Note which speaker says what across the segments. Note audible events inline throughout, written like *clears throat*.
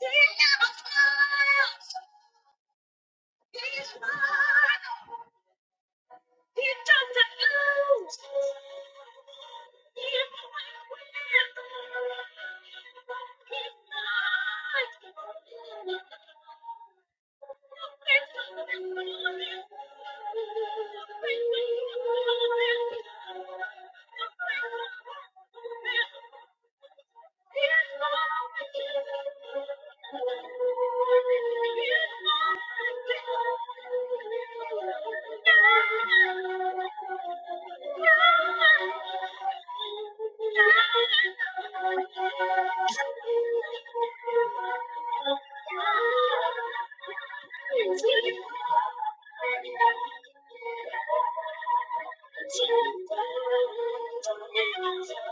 Speaker 1: Thank you. Thank you.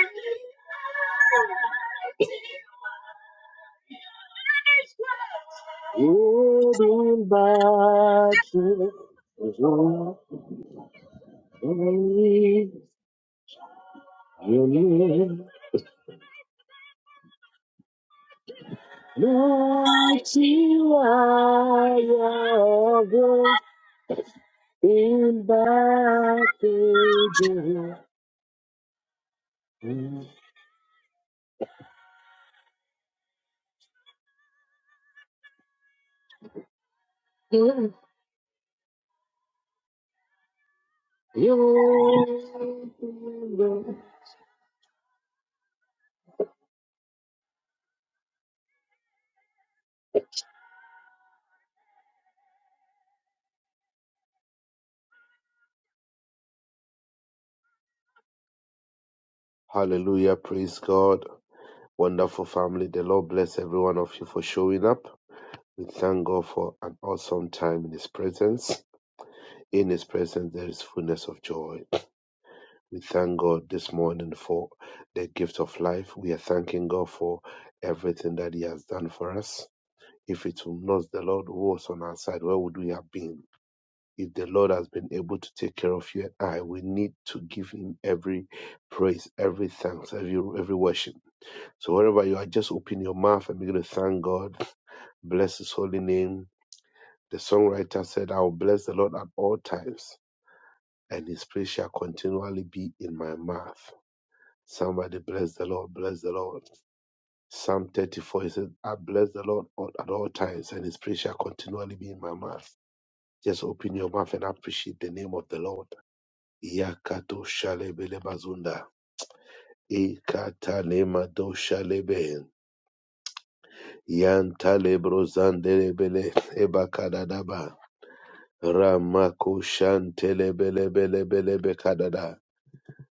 Speaker 1: Thank you. Holding back is only your name. Mighty are the in battle. You- Hallelujah, praise God. Wonderful family. The Lord bless every one of you for showing up. We thank God for an awesome time in His presence. In His presence, there is fullness of joy. We thank God this morning for the gift of life. We are thanking God for everything that He has done for us. If it were not the Lord who was on our side, where would we have been? If the Lord has been able to take care of you and I, we need to give Him every praise, every thanks, every, every worship. So wherever you are, just open your mouth and begin to thank God. Bless His holy name. The songwriter said, I will bless the Lord at all times, and His praise shall continually be in my mouth. Somebody bless the Lord, bless the Lord. Psalm 34 He says, I bless the Lord all- at all times, and his praise shall continually be in my mouth. Just open your mouth and appreciate the name of the Lord. Yakato shalebele bazunda. Ikatalema do shalebe. Yantalebro zandelebele. Ebakadadaba. Ramako shantelebelebelebelebe kadada.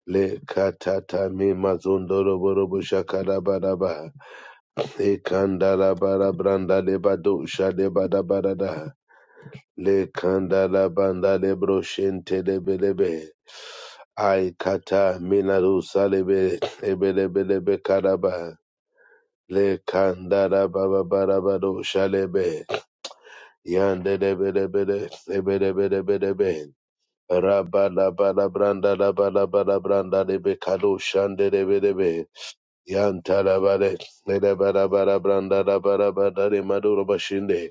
Speaker 1: Le katata mi mazondoro borobo shakadabadaba. Le kanda la bara branda le badosha le bada bada da. Le kanda la banda le broshente le belebe. Ai kata minarusa le be ebelebelebe karaba. Le kanda la baba bara badosha le be. Yande le belebele ebelebelebelebe. Rabba la bala branda la bala bala branda le be kadosha le belebe. Yantarabare, Ledabarabara Brandara Barabadari Maduro Bashinde,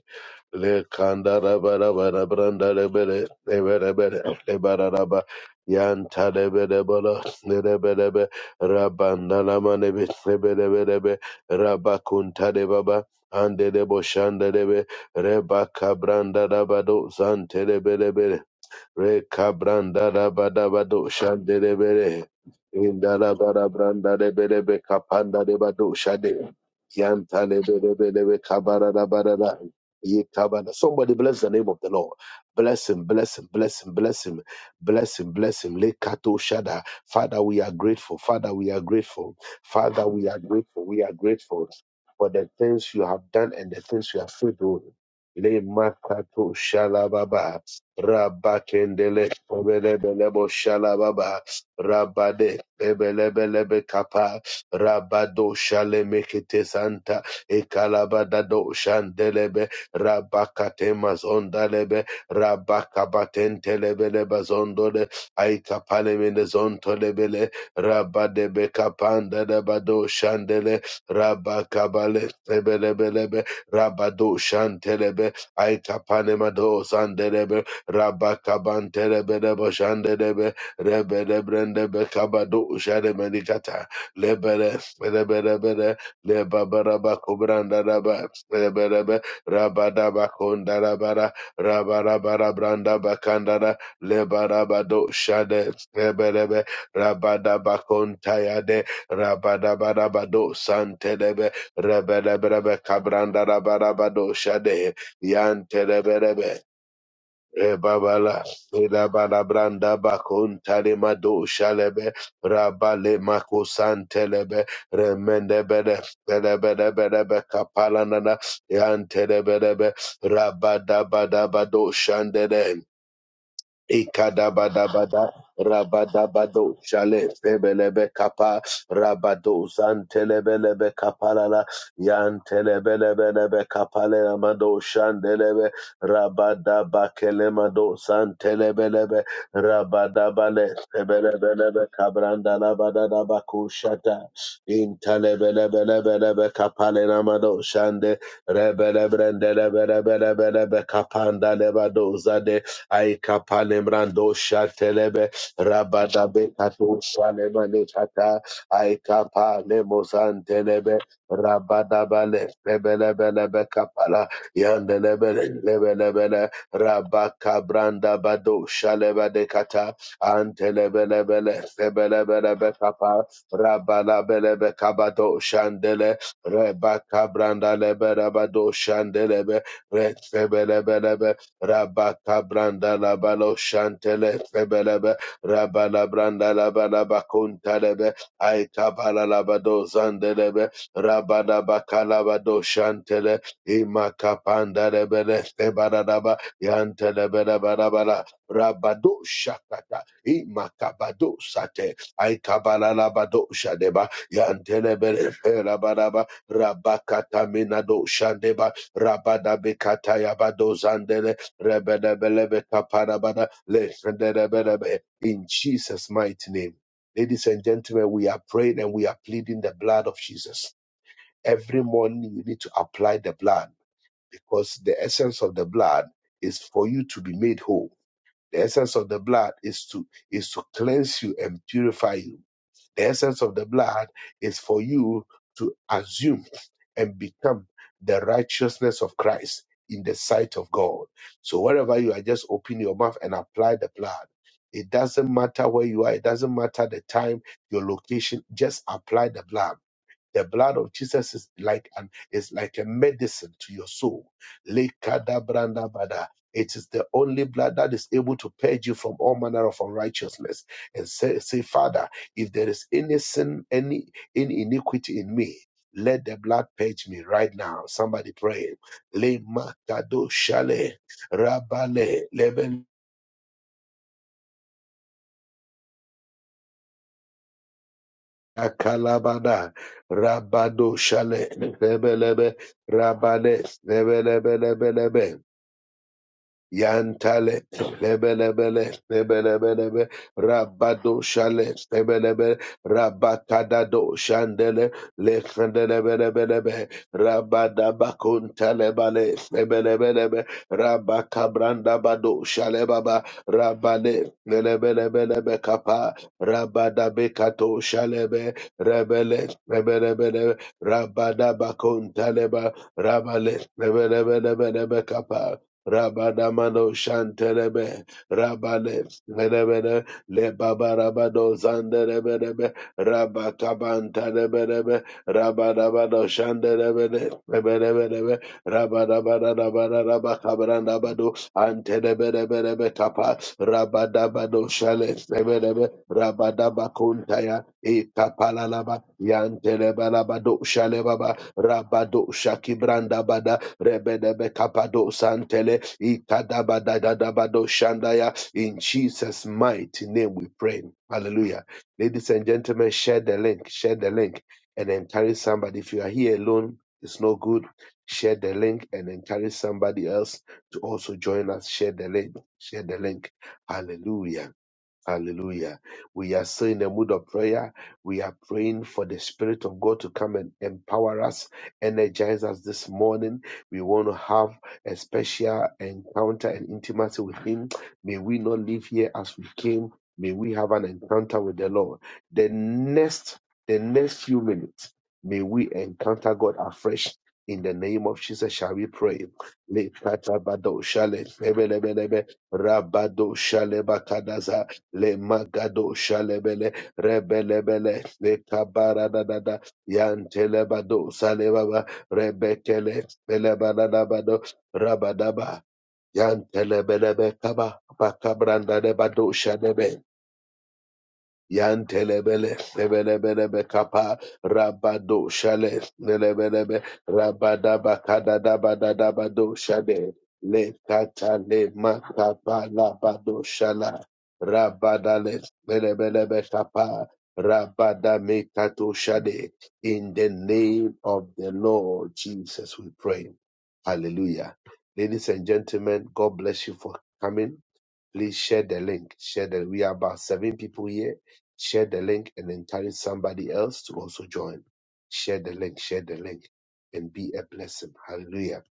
Speaker 1: Le Kandara Barabara Brandara Bere, Leverebere, Lebaraba, Yantarebere Bolo, Lereberebe, Rabandana Manebe, Lebereberebe, Rabakuntare Baba, Ande de Boshandere, Rebaka Brandara Bado, Zantere Rekabrandarabadabado shanderebere. Indarabarabandarebelebe kapandarebado shade. Yantalebelebelebe kabararabarara. Yekabana. Somebody bless the name of the Lord. Bless him, bless him, bless him, bless him, bless him, bless him. Lekato shada. Father, we are grateful. Father, we are grateful. Father, we are grateful. We are grateful for the things you have done and the things you have said. oh. Lemakato shalababa. Rabakendele Belebelebo Shalababa Rabade bele bele be kapa. Rabado Shale Mekete Santa e kalabada do Shandelebe Rabakatemas Ondalebe Rabakabatentelebeleba Zondole Aikapalemenes Ontolebele Rabadebe Kapanda de bado Shandele Rabakabale Bebelebelebe Rabado Shantelebe ay kapane mado Andelebe Rabakabanterebedeboshandedebe, rebedebrendebekabadoshademenikata, lebere- rebedebere, lebabarabakobrandaraba, rebedebe, rabadabakondarabara, rabarabarabrandabakandara, lebarabadoshade, rebedebe, rabadabakontayade, rabadabarabadosantedebe, rebedebrebekabrandarabarabadoshade, yanterebedebe. Ebabala, Edabala Branda Bakun Talimado Shalebe, Rabale Makusan Telebe, Remendebede, Belebede Bedebe Kapalanana, Yantelebedebe, Rabadabadabado Shandede, Ikadabadabada Rabadabado Shale Pebelebe Kappa Rabado Santelebelebe Kapalala Yantelebelebelebe Kapale Amado Shandelebe Rabadabakelemado Santelebelebe Rabadabale Pebelebelebe Kabranda Labadadabaku Shata Intelebelebelebelebe Kapale Amado Shande Rebelebrendelebelebelebe Kapanda Levado Zade Aika palemrando shatelebe rabadabe kato shalemane kata aika palemozantelebe rabadabale lebelebelebe kapala yandelebele lebelebele rabakabranda bado shalebade kata antelebelebele lebelebelebe kapa rabalabelebe kabado shandele rebakabranda leberabado shandelebe Rebelebelebe Rabaka branda la balo shantele febelebe. Rabala branda la balaba kuntalebe. Aika bala la bado zandelebe. Rabala bakala bado shantele. Imaka panda lebele febaraba. Yantelebe la barabala. Rabado shakata. Imaka bado sate. Aika bala la bado shadeba. Yantelebele ferabaraba. Rabakata minado shandeba. Rabada bekata yabado zandele. Rebedebelebekaparabada, lefredebedebe. In Jesus' mighty name. Ladies and gentlemen, we are praying and we are pleading the blood of Jesus. Every morning you need to apply the blood because the essence of the blood is for you to be made whole. The essence of the blood is to is to cleanse you and purify you the essence of the blood is for you to assume and become the righteousness of Christ in the sight of God. So wherever you are, just open your mouth and apply the blood. It doesn't matter where you are, it doesn't matter the time, your location, just apply the blood. The blood of Jesus is like an is like a medicine to your soul. Lekadabrandabada. It is the only blood that is able to purge you from all manner of unrighteousness. And say, say, Father, if there is any sin, any any iniquity in me, let the blood purge me right now. Somebody pray. Le makado shale rabale leben akalabada rabado shale lebelebe rabale lebelebelebelebe. Yantale, lebelebele, lebelebelebe, rabado shale, lebelebe, rabakadado shandele, lekhandelebelebelebe, rabadabakuntalebale, lebelebelebe, Rabakabranda bado shale baba, rabale, lebelebelebe kapa, Rabada rabadabekato shalebe, rebele, lebelebelebe, rabadabakuntaleba, rabale, lebelebelebelebe kapa, Rabadamano Shantelebe Rabale Rebede Le Babarabado Zanderebedebe Rabakabantarebedebe Rabadabado Shanderebede Rebedebedebe Rabadabadabadabakabrandabado Antelebedebedebe Kapa Rabadabado Shale Rebedebe Rabadabakuntaya Ikapalalaba Yantelebalabado Shalebaba Rabado Shakibrandabada Rebedebe kapado santele ikadabadadabado shandaya. In Jesus' mighty name we pray. Hallelujah. Ladies and gentlemen, share the link. Share the link and encourage somebody. If you are here alone, it's no good. Share the link and encourage somebody else to also join us. Share the link. Share the link. Hallelujah. Hallelujah. We are still in the mood of prayer. We are praying for the Spirit of God to come and empower us, energize us this morning. We want to have a special encounter and intimacy with Him. May we not leave here as we came. May we have an encounter with the Lord. The next, the next few minutes, may we encounter God afresh. In the name of Jesus, shall we pray? Le- bado- shale- lebe- rabado- shale- bakadaza le magado shalebele rebelebele le kabara da da da yantelebado salebaba rebekele belebanabado rabadaba yantelebelebe kaba bakabranda lebado shalebe Yantelebele, Lebelebelebe Kappa, Rabado Shale, Lebelebe, Rabadaba Kadadabadadabado Shade, Le Katale Makapa Labado Shala, Rabadale, Lebelebe Kappa, Rabadame Kato Shade. In the name of the Lord Jesus, we pray. Hallelujah. Ladies and gentlemen, God bless you for coming. Please share the link. Share the we are about seven people here. Share the link and encourage somebody else to also join. Share the link, share the link, and be a blessing. Hallelujah.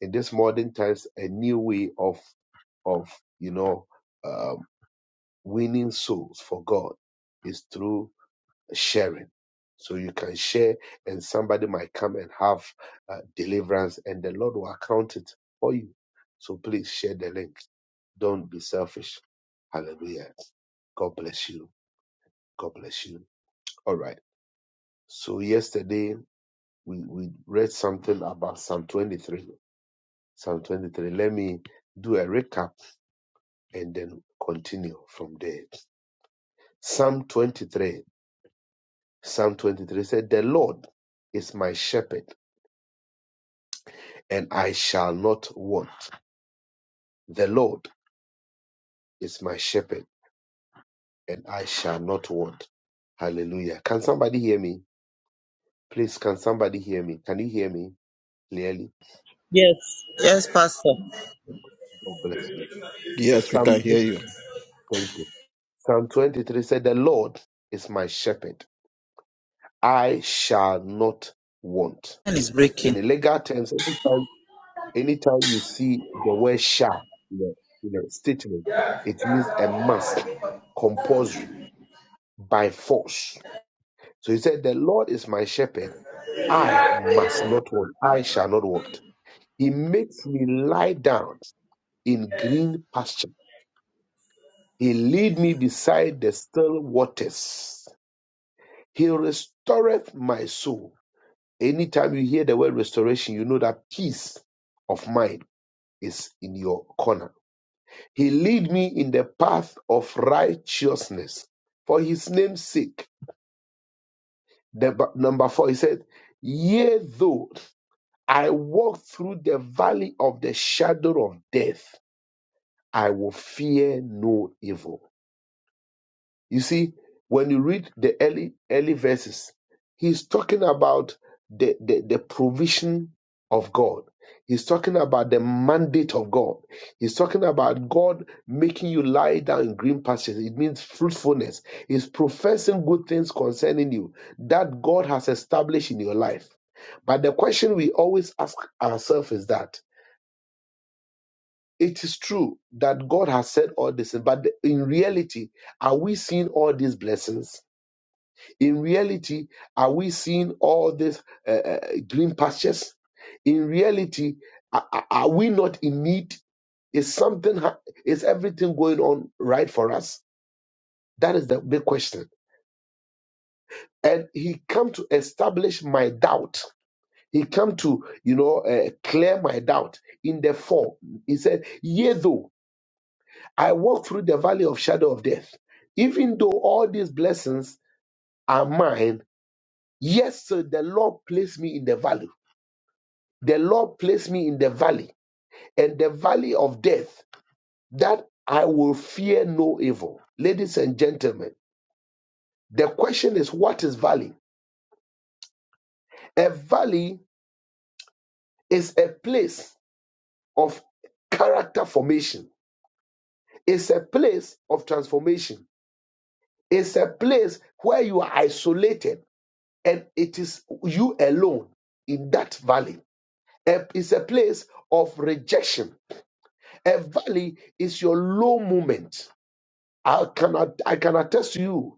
Speaker 1: In this modern times, a new way of of you know um, winning souls for God is through sharing. So you can share, and somebody might come and have uh, deliverance, and the Lord will account it for you. So please share the link. Don't be selfish Hallelujah. God bless you. God bless you. All right. So yesterday we, we read something about Psalm 23. Psalm 23. Let me do a recap and then continue from there. Psalm 23. Psalm 23 said, The Lord is my shepherd, and I shall not want. The Lord is my shepherd, and I shall not want. Hallelujah. Can somebody hear me? Please, can somebody hear me? Can you hear me clearly?
Speaker 2: Yes, yes, Pastor.
Speaker 1: God bless you.
Speaker 3: Yes, we can
Speaker 1: Psalm,
Speaker 3: hear you.
Speaker 1: thank you. Psalm 23 said, The Lord is my shepherd. I shall not want.
Speaker 2: And is
Speaker 1: In a
Speaker 2: breaking
Speaker 1: legal terms, anytime, anytime you see the word shall in a, in a statement, it means a must, compulsory, by force. So he said, The Lord is my shepherd. I must not want. I shall not want. He makes me lie down in green pasture. He lead me beside the still waters. He restoreth my soul. Anytime you hear the word restoration, you know that peace of mind is in your corner. He lead me in the path of righteousness for his name's sake. The, b- number four, he said, Yea, though I walk through the valley of the shadow of death, I will fear no evil. You see, when you read the early early verses, he's talking about the, the, the provision of God. He's talking about the mandate of God. He's talking about God making you lie down in green pastures. It means fruitfulness. He's professing good things concerning you that God has established in your life. But the question we always ask ourselves is that it is true that God has said all this, but in reality, are we seeing all these blessings? In reality, are we seeing all these uh, uh, green pastures? In reality, are, are are we not in need? Is something, ha- is everything going on right for us? That is the big question. And he come to establish my doubt. He come to, you know, uh, clear my doubt in the form. He said, yea though I walk through the valley of shadow of death, even though all these blessings are mine, yes, sir, the Lord placed me in the valley. The Lord placed me in the valley, and the valley of death, that I will fear no evil. Ladies and gentlemen, the question is what is valley? A valley is a place of character formation, it's a place of transformation, it's a place where you are isolated and it is you alone in that valley. It's a place of rejection. A valley is your low moment. I can, I can attest to you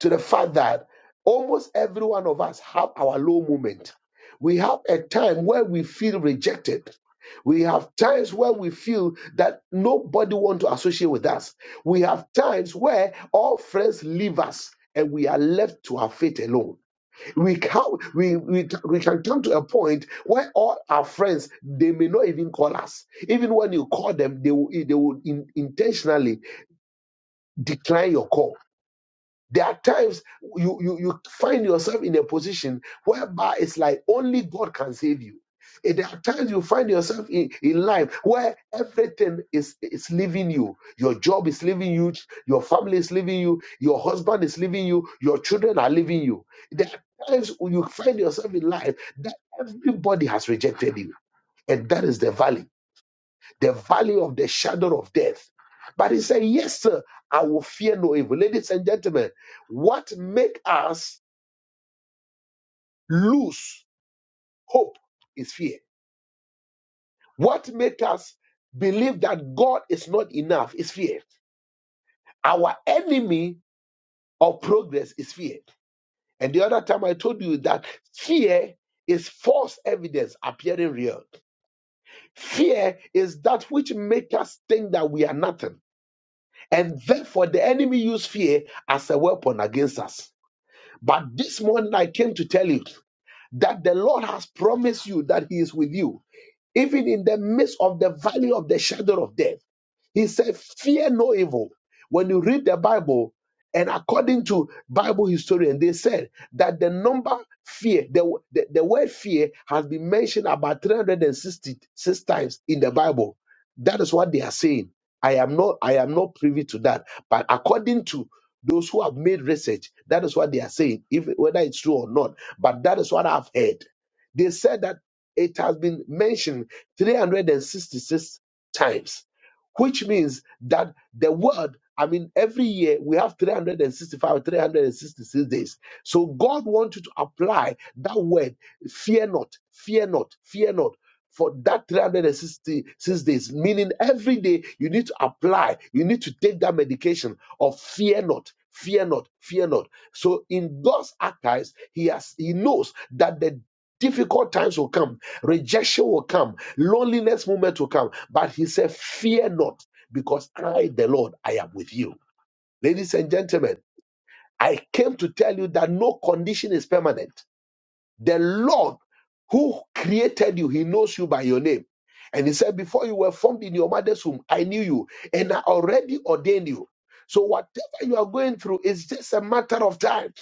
Speaker 1: to the fact that almost every one of us have our low moment. We have a time where we feel rejected. We have times where we feel that nobody wants to associate with us. We have times where all friends leave us and we are left to our fate alone. We can, we, we, we can come to a point where all our friends, they may not even call us. Even when you call them, they will, they will in, intentionally decline your call there are times you, you, you find yourself in a position whereby it's like only God can save you. And there are times you find yourself in, in life where everything is, is leaving you. Your job is leaving you, your family is leaving you, your husband is leaving you, your children are leaving you. There are times when you find yourself in life that everybody has rejected you. And that is the valley the valley of the shadow of death. But he said, Yes, sir, I will fear no evil. Ladies and gentlemen, what make us lose hope is fear. What make us believe that God is not enough is fear. Our enemy of progress is fear. And the other time I told you that fear is false evidence appearing real. Fear is that which makes us think that we are nothing. And therefore, the enemy used fear as a weapon against us. But this morning, I came to tell you that the Lord has promised you that He is with you, even in the midst of the valley of the shadow of death. He said, Fear no evil. When you read the Bible, and according to Bible historian, they said that the number fear, the, the, the word fear has been mentioned about 366 times in the Bible. That is what they are saying. I am not I am not privy to that. But according to those who have made research, that is what they are saying, if whether it's true or not. But that is what I've heard. They said that it has been mentioned 366 times which means that the word I mean, every year we have 365, 366 days. So God wants you to apply that word, fear not, fear not, fear not. For that 366 days, meaning every day you need to apply, you need to take that medication of fear not, fear not, fear not. So in God's archives, He has He knows that the difficult times will come, rejection will come, Loneliness moment will come, but he said, Fear not, because I, the Lord, I am with you. Ladies and gentlemen, I came to tell you that no condition is permanent. The Lord who created you, He knows you by your name. And He said, Before you were formed in your mother's womb, I knew you and I already ordained you. So, whatever you are going through is just a matter of time.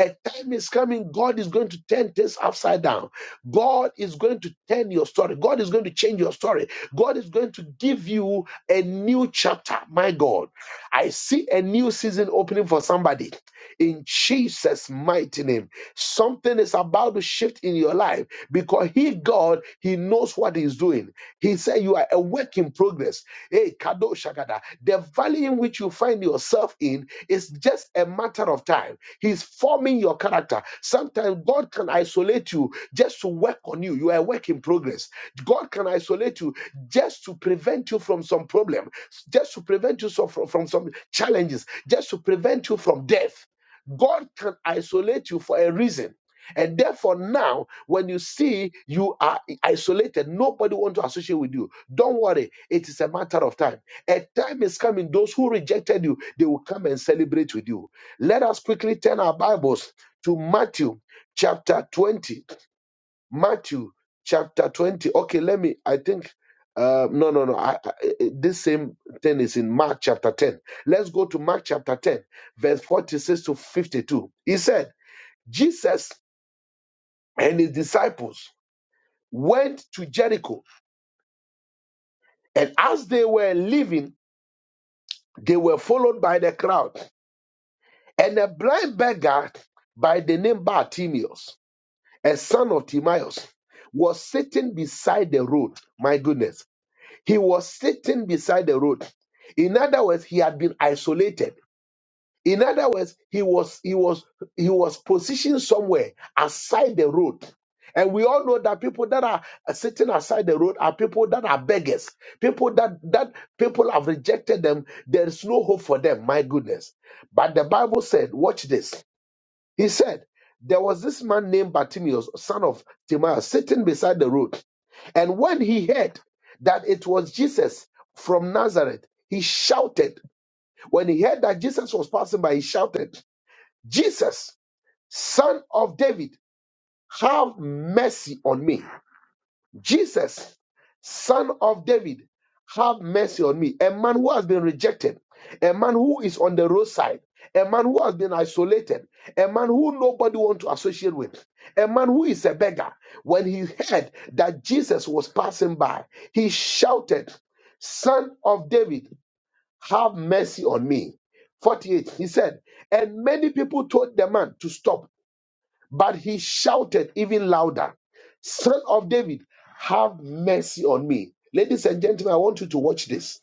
Speaker 1: A time is coming, God is going to turn things upside down. God is going to turn your story. God is going to change your story. God is going to give you a new chapter. My God, I see a new season opening for somebody in Jesus' mighty name. Something is about to shift in your life because He, God, He knows what He's doing. He said, You are a work in progress. Hey, Kado Shagada, the valley in which you find yourself in is just a matter of time. He's forming your character. Sometimes God can isolate you just to work on you. You are a work in progress. God can isolate you just to prevent you from some problem, just to prevent you so- from, from some challenges, just to prevent you from death. God can isolate you for a reason. And therefore, now when you see you are isolated, nobody wants to associate with you. Don't worry, it is a matter of time. A time is coming, those who rejected you, they will come and celebrate with you. Let us quickly turn our Bibles to Matthew chapter 20. Matthew chapter 20. Okay, let me, I think, uh, no, no, no. I, I, eh, eh, this same thing is in Mark chapter 10. Let's go to Mark chapter 10, verse 46 to 52. He said, Jesus and his disciples went to Jericho, and as they were leaving, they were followed by the crowd. And a blind beggar by the name Bartimaeus, a son of Timaeus, was sitting beside the road. My goodness He was sitting beside the road. In other words, he had been isolated. In other words, he was he was he was positioned somewhere aside the road. And we all know that people that are sitting aside the road are people that are beggars, people that that people have rejected them. There is no hope for them. My goodness. But the Bible said, watch this. He said, There was this man named Bartimaeus, son of Timaeus, sitting beside the road. And when he heard that it was Jesus from Nazareth, he shouted. When he heard that Jesus was passing by, he shouted, Jesus, son of David, have mercy on me. Jesus, son of David, have mercy on me. A man who has been rejected, a man who is on the roadside, a man who has been isolated, a man who nobody wants to associate with, a man who is a beggar. When he heard that Jesus was passing by, he shouted, Son of David, have mercy on me. 48, he said, and many people told the man to stop but he shouted even louder, Son of David, have mercy on me. Ladies and gentlemen, I want you to watch this.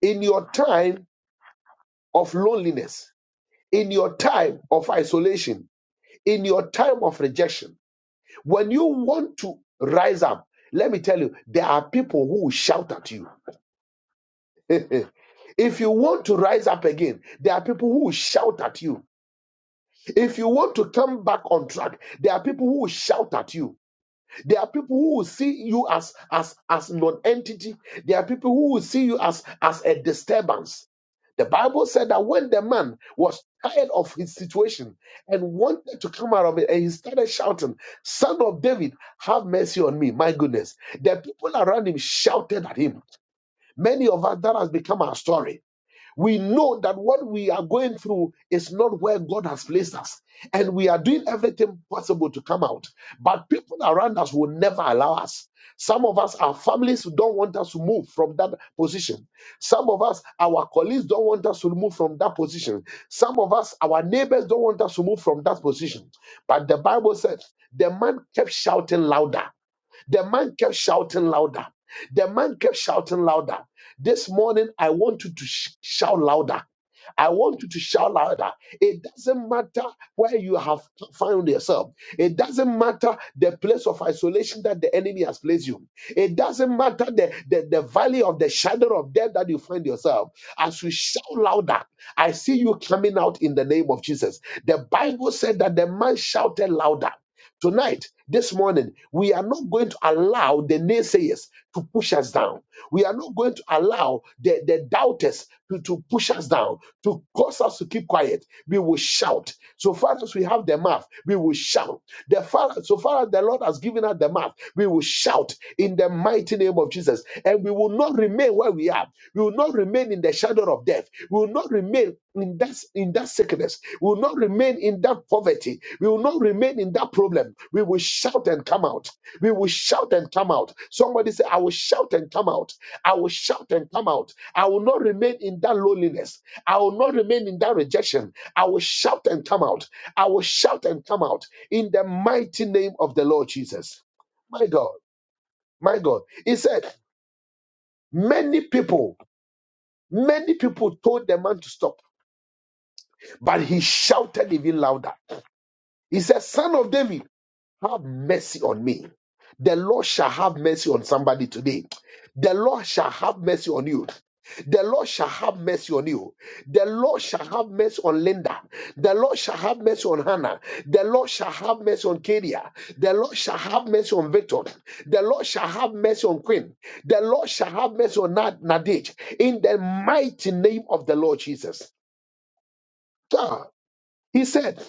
Speaker 1: In your time of loneliness, in your time of isolation, in your time of rejection, when you want to rise up, let me tell you, there are people who will shout at you. *laughs* if you want to rise up again, there are people who will shout at you. If you want to come back on track, there are people who will shout at you. There are people who will see you as as as non-entity. There are people who will see you as as a disturbance. The Bible said that when the man was tired of his situation and wanted to come out of it, and he started shouting, "Son of David, have mercy on me!" My goodness, the people around him shouted at him. Many of us that has become our story we know that what we are going through is not where God has placed us. And we are doing everything possible to come out. But people around us will never allow us. Some of us, our families don't want us to move from that position. Some of us, our colleagues don't want us to move from that position. Some of us, our neighbors don't want us to move from that position. But the Bible says the man kept shouting louder the man kept shouting louder. The man kept shouting louder. This morning, I want you to sh- shout louder. I want you to shout louder. It doesn't matter where you have found yourself. It doesn't matter the place of isolation that the enemy has placed you. It doesn't matter the, the, the valley of the shadow of death that you find yourself. As you shout louder, I see you coming out in the name of Jesus. The Bible said that the man shouted louder. Tonight, this morning, we are not going to allow the naysayers to push us down. We are not going to allow the, the doubters to, to push us down, to cause us to keep quiet. We will shout. So far as we have the mouth, we will shout. The far, so far as the Lord has given us the mouth, we will shout in the mighty name of Jesus. And we will not remain where we are. We will not remain in the shadow of death. We will not remain in that, in that sickness. We will not remain in that poverty. We will not remain in that problem. We will shout and come out. We will shout and come out. Somebody say, I will shout and come out. I will shout and come out. I will not remain in that loneliness. I will not remain in that rejection. I will shout and come out. I will shout and come out in the mighty name of the Lord Jesus. My God, my God. He said, Many people Many people told the man to stop, but he shouted even louder. He said, Son of David, have mercy on me. The Lord shall have mercy on somebody today. The Lord shall have mercy on you. The Lord shall have mercy on you. The Lord shall have mercy on Linda. The Lord shall have mercy on Hannah. The Lord shall have mercy on Kadia. The Lord shall have mercy on Victor. The Lord shall have mercy on Queen. The Lord shall have mercy on Nad- Nadej. In the mighty name of the Lord Jesus. God. He said,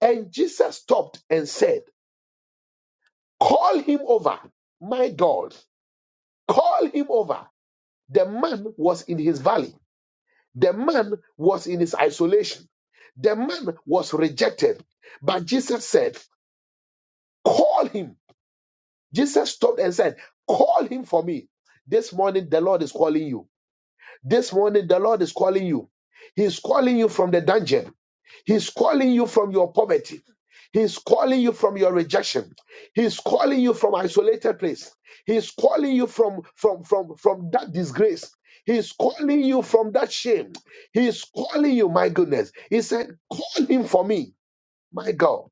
Speaker 1: and Jesus stopped and said, Call him over, my God, call him over. The man was in his valley, the man was in his isolation, the man was rejected. But Jesus said, Call him. Jesus stopped and said, Call him for me. This morning, the Lord is calling you. This morning, the Lord is calling you. He's calling you from the dungeon. He's calling you from your poverty. He's calling you from your rejection. He's calling you from isolated place. He's calling you from from from from that disgrace. He's calling you from that shame. He's calling you, my goodness. He said, "Call him for me, my God."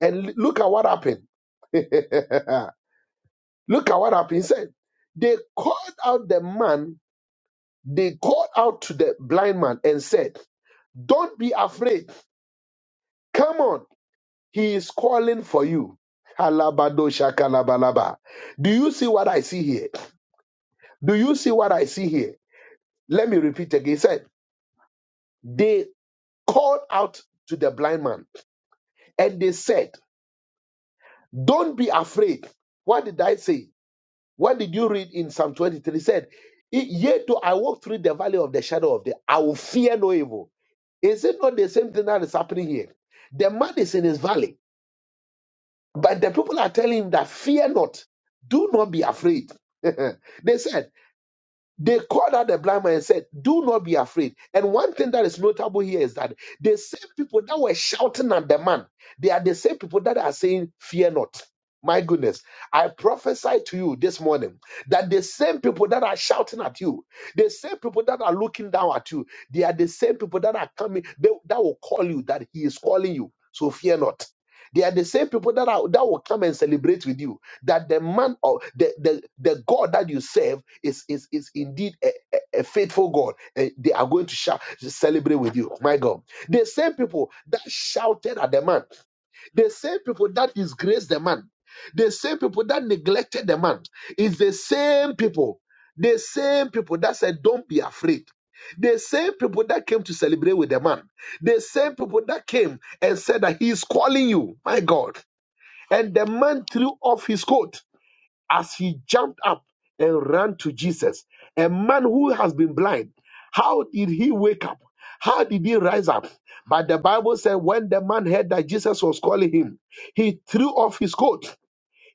Speaker 1: And l- look at what happened. *laughs* look at what happened. He said, "They called out the man they called out to the blind man and said, Don't be afraid. Come on. He is calling for you. Halabado shakalabalaba. Do you see what I see here? Do you see what I see here? Let me repeat again. He said, They called out to the blind man and they said, Don't be afraid. What did I say? What did you read in Psalm 23? He said, Yet though I walk through the valley of the shadow of death, I will fear no evil Is it not the same thing that is happening here? The man is in his valley, but the people are telling him that fear not, do not be afraid. *laughs* they said, they called out the blind man and said, Do not be afraid. And one thing that is notable here is that the same people that were shouting at the man, they are the same people that are saying, Fear not. My goodness, I prophesy to you this morning that the same people that are shouting at you, the same people that are looking down at you, they are the same people that are coming, they- that will call you, that he is calling you. So fear not. They are the same people that, are, that will come and celebrate with you that the man of the, the, the God that you serve is, is, is indeed a, a, a faithful God. And they are going to shout, celebrate with you. My God. The same people that shouted at the man, the same people that disgraced the man, the same people that neglected the man, is the same people, the same people that said, Don't be afraid. The same people that came to celebrate with the man, the same people that came and said that he is calling you, my God. And the man threw off his coat as he jumped up and ran to Jesus, a man who has been blind, how did he wake up? How did he rise up? But the Bible said when the man heard that Jesus was calling him, he threw off his coat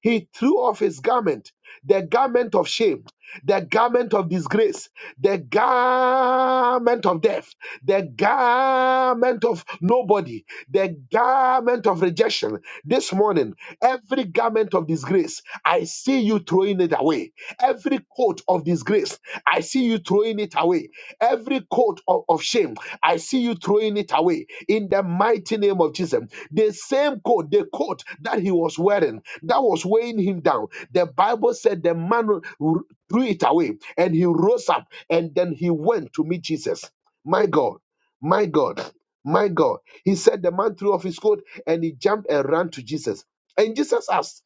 Speaker 1: he threw off his garment, the garment of shame, the garment of disgrace, the garment of death, the garment of nobody, the garment of rejection. This morning, every garment of disgrace, I see you throwing it away. Every coat of disgrace, I see you throwing it away. Every coat of, of shame, I see you throwing it away in the mighty name of Jesus. The same coat, the coat that he was wearing, that was weighing him down. The Bible said the man r- threw it away and he rose up and then he went to meet Jesus. My God, my God, my God. He said the man threw off his coat and he jumped and ran to Jesus. And Jesus asked,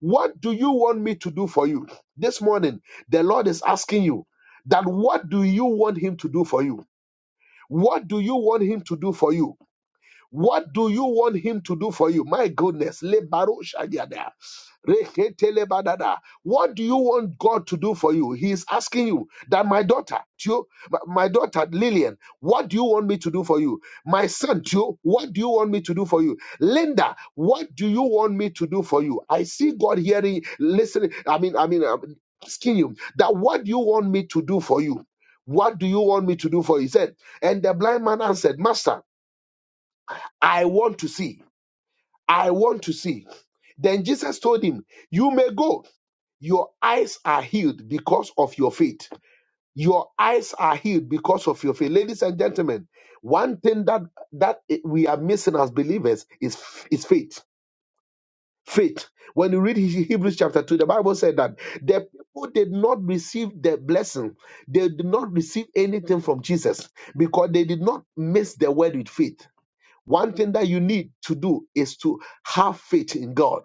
Speaker 1: What do you want me to do for you? This morning, the Lord is asking you that what do you want him to do for you? What do you want him to do for you? What do you want him to do for you? My goodness. Lebaro shadiada. Reketelebadada. What do you want God to do for you? He is asking you that my daughter, Tio, my my daughter Lillian, what do you want me to do for you? My son, Tio, what do you want me to do for you? Linda, what do you want me to do for you? I see God hearing, listening. I mean, I mean, I'm asking you that what do you want me to do for you? What do you want me to do for you? He said, and the blind man answered, Master. I want to see. I want to see. Then Jesus told him, You may go. Your eyes are healed because of your faith. Your eyes are healed because of your faith. Ladies and gentlemen, one thing that that we are missing as believers is is faith. Faith. When you read Hebrews chapter 2, the Bible said that the people did not receive the blessing. They did not receive anything from Jesus because they did not miss the word with faith one thing that you need to do is to have faith in God.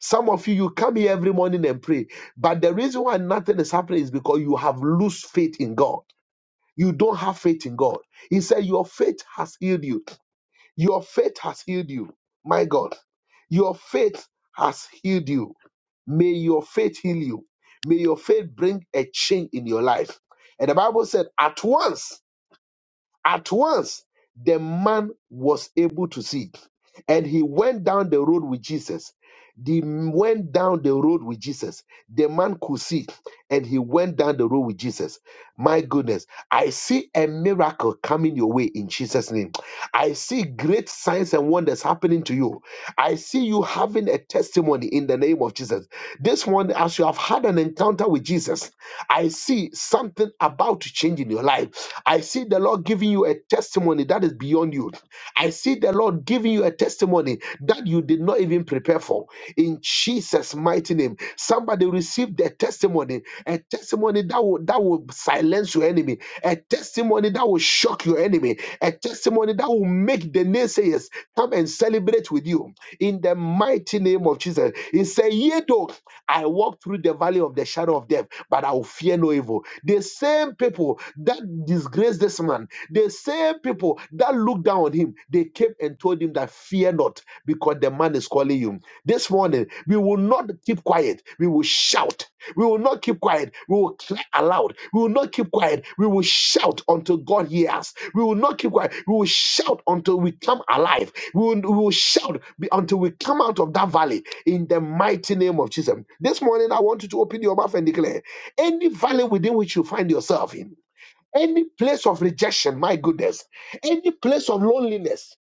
Speaker 1: Some of you, you come here every morning and pray, but the reason why nothing is happening is because you have loose faith in God. You don't have faith in God. He said, Your faith has healed you. Your faith has healed you. My God, your faith has healed you. May your faith heal you. May your faith bring a change in your life. And the Bible said, At once at once, the man was able to see, and he went down the road with Jesus. They went down the road with Jesus. The man could see, and he went down the road with Jesus. My goodness, I see a miracle coming your way in Jesus' name. I see great signs and wonders happening to you. I see you having a testimony in the name of Jesus. This one, as you have had an encounter with Jesus, I see something about to change in your life. I see the Lord giving you a testimony that is beyond you. I see the Lord giving you a testimony that you did not even prepare for. In Jesus' mighty name, somebody received a testimony, a testimony that will that will silence your enemy, a testimony that will shock your enemy, a testimony that will make the naysayers come and celebrate with you. In the mighty name of Jesus, He said, "Ye though." I walk through the valley of the shadow of death, but I will fear no evil. The same people that disgraced this man, the same people that looked down on him, they came and told him that fear not, because the man is calling you. This morning, we will not keep quiet. We will shout. We will not keep quiet. We will cry aloud. We will not keep quiet. We will shout until God hears us. We will not keep quiet. We will shout until we come alive. We will, we will shout be- until we come out of that valley in the mighty name of Jesus. This morning, I want you to open your mouth and declare any valley within which you find yourself in any place of rejection, my goodness, any place of loneliness,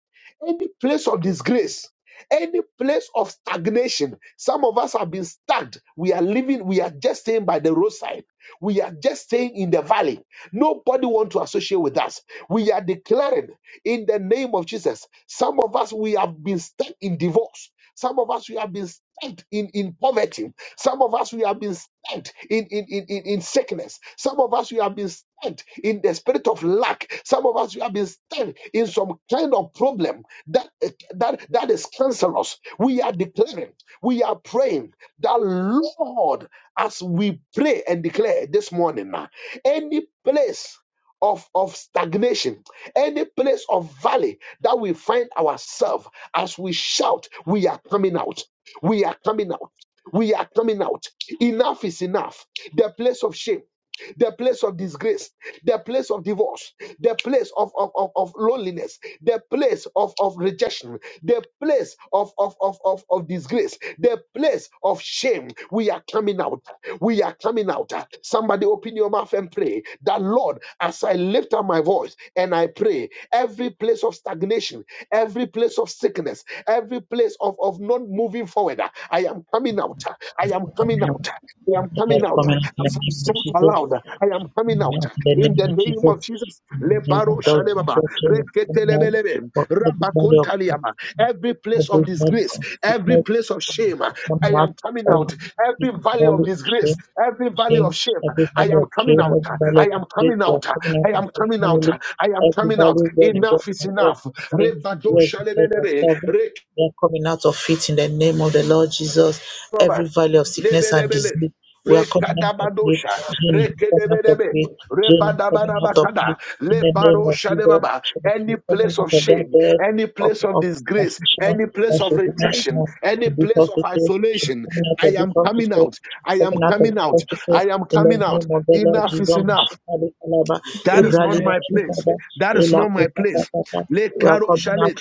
Speaker 1: any place of disgrace, any place of stagnation. Some of us have been stagnant. We are living, we are just staying by the roadside. We are just staying in the valley. Nobody want to associate with us. We are declaring in the name of Jesus. Some of us, we have been stuck in divorce. Some of us, we have been stuck in, in poverty. Some of us, we have been stabbed in, in, in, in, in sickness. Some of us, we have been stabbed in the spirit of lack. Some of us, we have been stabbed in some kind of problem that, that, that is cancerous. We are declaring, we are praying that, Lord, as we pray and declare this morning, now, any place of, of stagnation, any place of valley that we find ourselves, as we shout, we are coming out. We are coming out we are coming out. Enough is enough. The place of shame the place of disgrace, the place of divorce, the place of, of, of, of loneliness, the place of, of rejection, the place of, of, of, of, of disgrace, the place of shame. We are coming out. We are coming out. Somebody open your mouth and pray that, Lord, as I lift up my voice and I pray, every place of stagnation, every place of sickness, every place of, of not moving forward, I am coming out. I am coming out. I am coming out. As I Myself aloud. I am coming out in the name of Jesus. Lebaro shalebaba, reketelebelebe, rabakontaliaba. Every place of disgrace, every place of shame, I am coming out. Every valley of disgrace, every valley of shame, I am coming out. I am coming out. I am coming out. I am coming out. Enough is enough. Rebado shalebelebe, lebelebele rekadabadosha rekedebedebe rebadabarabakada lebaroshadebaba any place of shame any place of disgrace any place of rejection any place of isolation i am coming out i am coming out i am coming out enough is enough that is not my place that is not my place le.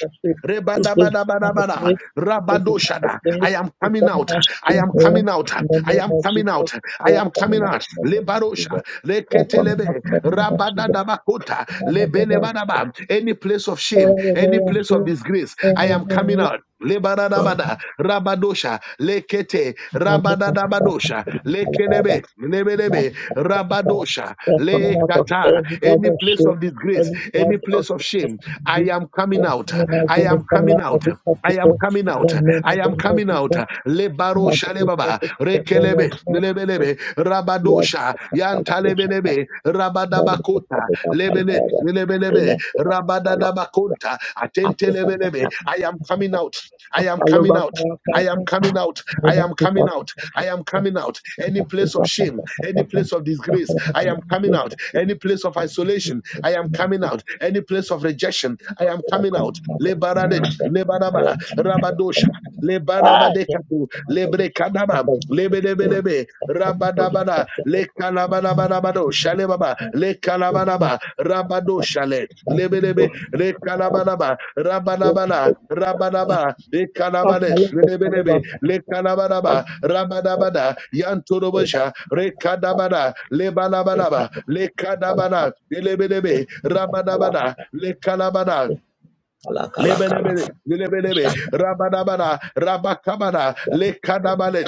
Speaker 1: Rebadabadabadabada. Rabadoshada. I am coming out. I am coming out. I am coming out. I am coming out. Lebarosha. Leketelebe. Rabadadabakota. Lebelebadaba. Any place of shame, any place of disgrace, I am coming out. Lebaradabada. Rabadosha. Lekete. Rabadadabadosha. Lekelebe. Lebelebe. Rabadosha. Lekata. Any place of disgrace, any place of shame, I am coming out. I am coming out. I am coming out. I am coming out. Lebaro shalebaba. Rekelebe. Lebelebe. Rabadosha. Yantalebelebe. Rabadabakota. Lebele. Lebelebe. Rabadadabakonta. Atentelebelebe. I am coming out. I am coming out. I am coming out. I am coming out. I am coming out. Any place of shame. Any place of disgrace, I am coming out. Any place of isolation, I am coming out. Any place of rejection, I am coming out. Lebarade, lebaraba, rabadosha, lebarabadekatu, lebrekadaba, lebedebelebe, rabadabada, lekalabadabadabado, shalebaba, lekalabanaba, rabadoshale, lebedebe, Rekalabalaba, Rabanabana, Rabanaba, Ekalabane, Rebelebe, Lekalabanaba, Rabanabana, Yanturobosha, Rekadabana, Lebanabanaba, Lekadabana, Elebelebe, Rabanabana, Lekalabana, Lebelebele, lebelebele, rabadabada, rabakabada, lekadabale,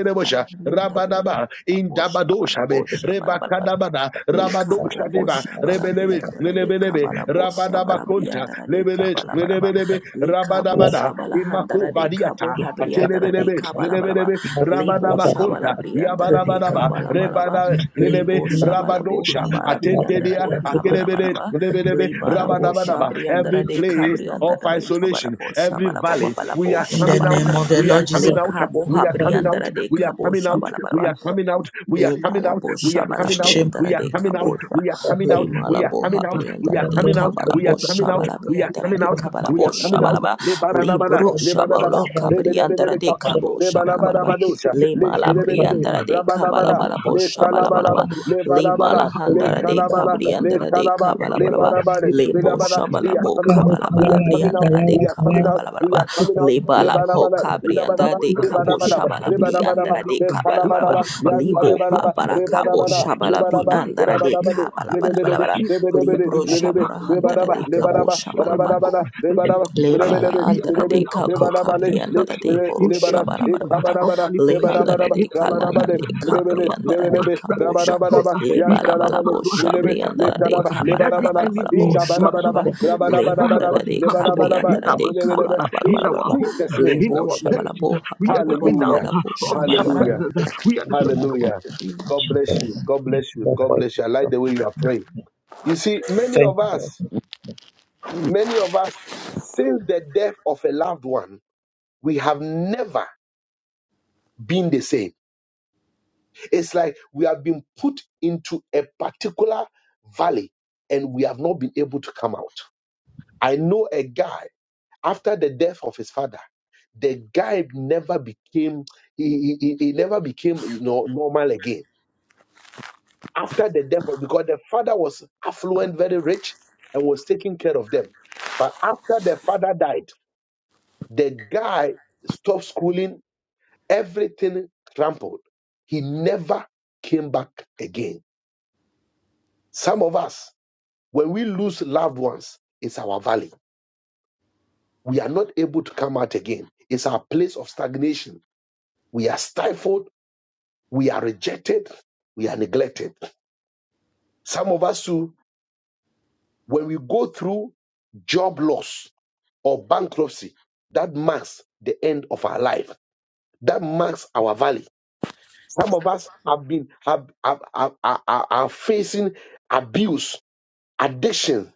Speaker 4: Kabala Brianda,
Speaker 1: rabadaba,
Speaker 4: La Bosha, Bala
Speaker 1: indabadosha be,
Speaker 4: Bosha, Bala Bala.
Speaker 1: rebakadabada,
Speaker 4: Le kabala
Speaker 1: rabadosha deba,
Speaker 4: bosha bala
Speaker 1: rebelebe,
Speaker 4: briandara de
Speaker 1: lebelebe,
Speaker 4: kabala bosha bala
Speaker 1: rabadabakonta,
Speaker 4: briandara de
Speaker 1: lebele,
Speaker 4: kabala balaba
Speaker 1: lebelebe,
Speaker 4: le kabo
Speaker 1: rabadabada,
Speaker 4: shabala
Speaker 1: imako
Speaker 4: handara de kabo habriandara de
Speaker 1: Atelebelebe,
Speaker 4: kabala balaba
Speaker 1: lelebelebe,
Speaker 5: I am coming out. I am coming out. I am coming
Speaker 4: le bo
Speaker 1: rabadaba
Speaker 4: shabala
Speaker 1: konta,
Speaker 4: briandara de
Speaker 1: yabadabadaba,
Speaker 4: kabala balaba
Speaker 1: rebada,
Speaker 4: le
Speaker 1: lelebe,
Speaker 4: bo shabala bo
Speaker 1: rabadosha,
Speaker 4: habara briandara
Speaker 1: atentedia,
Speaker 4: de kabala
Speaker 1: akelebele,
Speaker 4: balaba
Speaker 1: lelebelebe,
Speaker 4: le bara bo
Speaker 1: rabadabadaba. Every
Speaker 4: shabriandara de
Speaker 1: place of
Speaker 4: kabriandara de kabala
Speaker 1: isolation,
Speaker 4: bo
Speaker 1: every
Speaker 4: shabala bo
Speaker 1: valley,
Speaker 4: babala
Speaker 1: we
Speaker 4: bo
Speaker 1: are
Speaker 2: in the
Speaker 1: coming
Speaker 4: shabala
Speaker 1: out,
Speaker 2: name of
Speaker 4: balaba
Speaker 2: the
Speaker 1: we are
Speaker 2: Lord
Speaker 4: le
Speaker 1: coming
Speaker 2: Jesus.
Speaker 1: out,
Speaker 4: kabo
Speaker 1: we are coming
Speaker 4: habriandara
Speaker 1: out,
Speaker 4: de
Speaker 1: we are
Speaker 4: kabo
Speaker 1: coming out,
Speaker 4: shabala
Speaker 1: we
Speaker 4: balaba
Speaker 1: are coming out, we are
Speaker 4: Le
Speaker 1: coming out, we
Speaker 4: malabosha, bosha
Speaker 1: are
Speaker 4: bala
Speaker 1: coming out,
Speaker 2: Shame
Speaker 4: briandara
Speaker 1: we are
Speaker 4: de
Speaker 1: coming out,
Speaker 4: kabosha.
Speaker 1: we are coming
Speaker 4: Le
Speaker 1: out, we
Speaker 4: malaboha,
Speaker 1: are coming
Speaker 4: boha
Speaker 1: out, we
Speaker 4: briandara
Speaker 1: are
Speaker 4: de
Speaker 1: coming out,
Speaker 4: kabala
Speaker 1: we are coming
Speaker 4: bosha
Speaker 1: out,
Speaker 4: bala
Speaker 1: we are
Speaker 4: briandara
Speaker 5: out.
Speaker 1: coming
Speaker 4: de
Speaker 1: out,
Speaker 4: kabala
Speaker 5: I am
Speaker 4: bosha bala ba.
Speaker 5: coming out.
Speaker 4: Le
Speaker 1: we are
Speaker 4: brosha
Speaker 1: coming out,
Speaker 4: bala kabriandara
Speaker 1: Rebelebelebe
Speaker 4: de
Speaker 5: Father
Speaker 1: kapa.
Speaker 5: Lord,
Speaker 4: kabosha bala
Speaker 1: Rebalabadabadosha.
Speaker 4: Le
Speaker 5: Matikipelua,
Speaker 4: mala
Speaker 5: Shame,
Speaker 1: Lekelebelebe.
Speaker 4: briandara de kabala
Speaker 1: Rabalabala.
Speaker 4: bala
Speaker 5: Rakapalua,
Speaker 1: Le
Speaker 4: bosha bala bala
Speaker 1: kalabalaba,
Speaker 4: ba.
Speaker 5: Rakapalua,
Speaker 1: le
Speaker 4: Le mala
Speaker 1: balabala,
Speaker 5: Rakapalua,
Speaker 1: le
Speaker 5: any place
Speaker 1: kalabala,
Speaker 4: de
Speaker 5: of
Speaker 1: le
Speaker 5: lack,
Speaker 4: briandara de
Speaker 1: kalaba,
Speaker 5: place of
Speaker 1: le
Speaker 5: shame,
Speaker 4: kabalabalaba.
Speaker 1: barabare,
Speaker 5: any
Speaker 1: le
Speaker 5: place of
Speaker 4: Lebo
Speaker 1: labala.
Speaker 5: poverty,
Speaker 1: We are
Speaker 4: shabalabo
Speaker 1: coming out, we
Speaker 4: kabalabala
Speaker 1: are coming out,
Speaker 4: briandara de
Speaker 1: we are coming out, we
Speaker 4: kabalabalabalaba.
Speaker 1: are coming out. Le
Speaker 4: Lebala po
Speaker 1: barabala, le
Speaker 5: We
Speaker 1: labalaba,
Speaker 4: kabriandara
Speaker 5: will
Speaker 4: de
Speaker 1: re
Speaker 5: not
Speaker 4: kabo
Speaker 5: entertain
Speaker 1: barabadaba,
Speaker 5: uh,
Speaker 4: shabala
Speaker 1: re
Speaker 5: the enemy
Speaker 1: barabadaba,
Speaker 5: any
Speaker 4: briandara de
Speaker 1: le
Speaker 5: longer. Any
Speaker 4: kabalabalaba.
Speaker 1: kalabalaba, yan
Speaker 5: palabadua,
Speaker 4: Libo ha
Speaker 5: any
Speaker 1: kalabalaba,
Speaker 5: seed
Speaker 4: para
Speaker 5: of
Speaker 1: re
Speaker 5: the
Speaker 4: kabo
Speaker 5: enemy
Speaker 1: barabara,
Speaker 5: in
Speaker 1: le
Speaker 4: shabala
Speaker 5: our
Speaker 1: baraba,
Speaker 5: lives,
Speaker 4: briandara
Speaker 5: uh,
Speaker 4: de
Speaker 5: in our homes,
Speaker 1: rabadabade,
Speaker 5: uh,
Speaker 4: kabalabalabalabala.
Speaker 5: in
Speaker 1: in
Speaker 5: our
Speaker 4: Libro
Speaker 5: families. uh,
Speaker 4: shabara
Speaker 5: Father,
Speaker 4: handara
Speaker 5: Lord,
Speaker 4: de
Speaker 5: uh,
Speaker 4: kabo
Speaker 5: destroy,
Speaker 4: shabalaba.
Speaker 5: my God, the seed of the enemy.
Speaker 4: Lebala
Speaker 5: We are
Speaker 4: andara de
Speaker 5: coming out uh,
Speaker 4: kako
Speaker 5: of
Speaker 4: kabri andara
Speaker 5: deception
Speaker 4: de
Speaker 5: uh,
Speaker 4: boro
Speaker 5: in the name of
Speaker 4: shabara bara
Speaker 5: Jesus,
Speaker 4: bara
Speaker 5: uh,
Speaker 4: bara
Speaker 5: of manipulation uh,
Speaker 4: lehandara de
Speaker 5: in the name of
Speaker 4: kalana
Speaker 5: Jesus.
Speaker 4: de
Speaker 5: uh,
Speaker 4: kabri andara
Speaker 5: Rakapapalua,
Speaker 4: de kabosha
Speaker 5: ratekadona,
Speaker 4: Le bala bala bo
Speaker 5: rikapapalua,
Speaker 4: shabri andara de
Speaker 5: rikapaduana.
Speaker 4: kabala bala
Speaker 5: Every
Speaker 4: bala bala
Speaker 5: enemy,
Speaker 4: bosha bala bala.
Speaker 5: Mazukuturia,
Speaker 4: Le
Speaker 5: that has
Speaker 4: andara
Speaker 5: gotten
Speaker 4: de
Speaker 5: comfortable
Speaker 4: kabri
Speaker 5: in
Speaker 4: andara
Speaker 5: our
Speaker 4: de kabala
Speaker 5: Mazukura,
Speaker 4: bala
Speaker 5: in
Speaker 4: bala bala.
Speaker 5: our
Speaker 4: bala
Speaker 5: homes, uh,
Speaker 1: Jesus'
Speaker 4: Le
Speaker 1: name,
Speaker 5: in
Speaker 4: lebo
Speaker 5: our
Speaker 4: bala
Speaker 5: marriages.
Speaker 4: bo
Speaker 5: We
Speaker 4: bala
Speaker 5: are
Speaker 4: bo
Speaker 5: coming
Speaker 4: bala
Speaker 5: out
Speaker 1: hallelujah,
Speaker 4: bala bo
Speaker 5: of
Speaker 4: shabala
Speaker 5: the
Speaker 4: bara
Speaker 1: hallelujah,
Speaker 5: presence. We are destroying their works.
Speaker 1: hallelujah. God bless you, God bless you, God bless you. I like the way you are praying. You see, many of us Many of us, since the death of a loved one, we have never been the same. It's like we have been put into a particular valley and we have not been able to come out. I know a guy, after the death of his father, the guy never became he, he, he he never became you know normal again after the death of- because the father was affluent very rich and was taking care of them but after the father died the guy stopped schooling everything trampled. He never came back again. Some of us, when we lose loved ones, it's our valley. We are not able to come out again. It's our place of stagnation. We are stifled. We are rejected. We are neglected. Some of us who, when we go through job loss or bankruptcy, that marks the end of our life. That marks our valley. Some of us have been have, have, have- are, are are facing abuse addiction.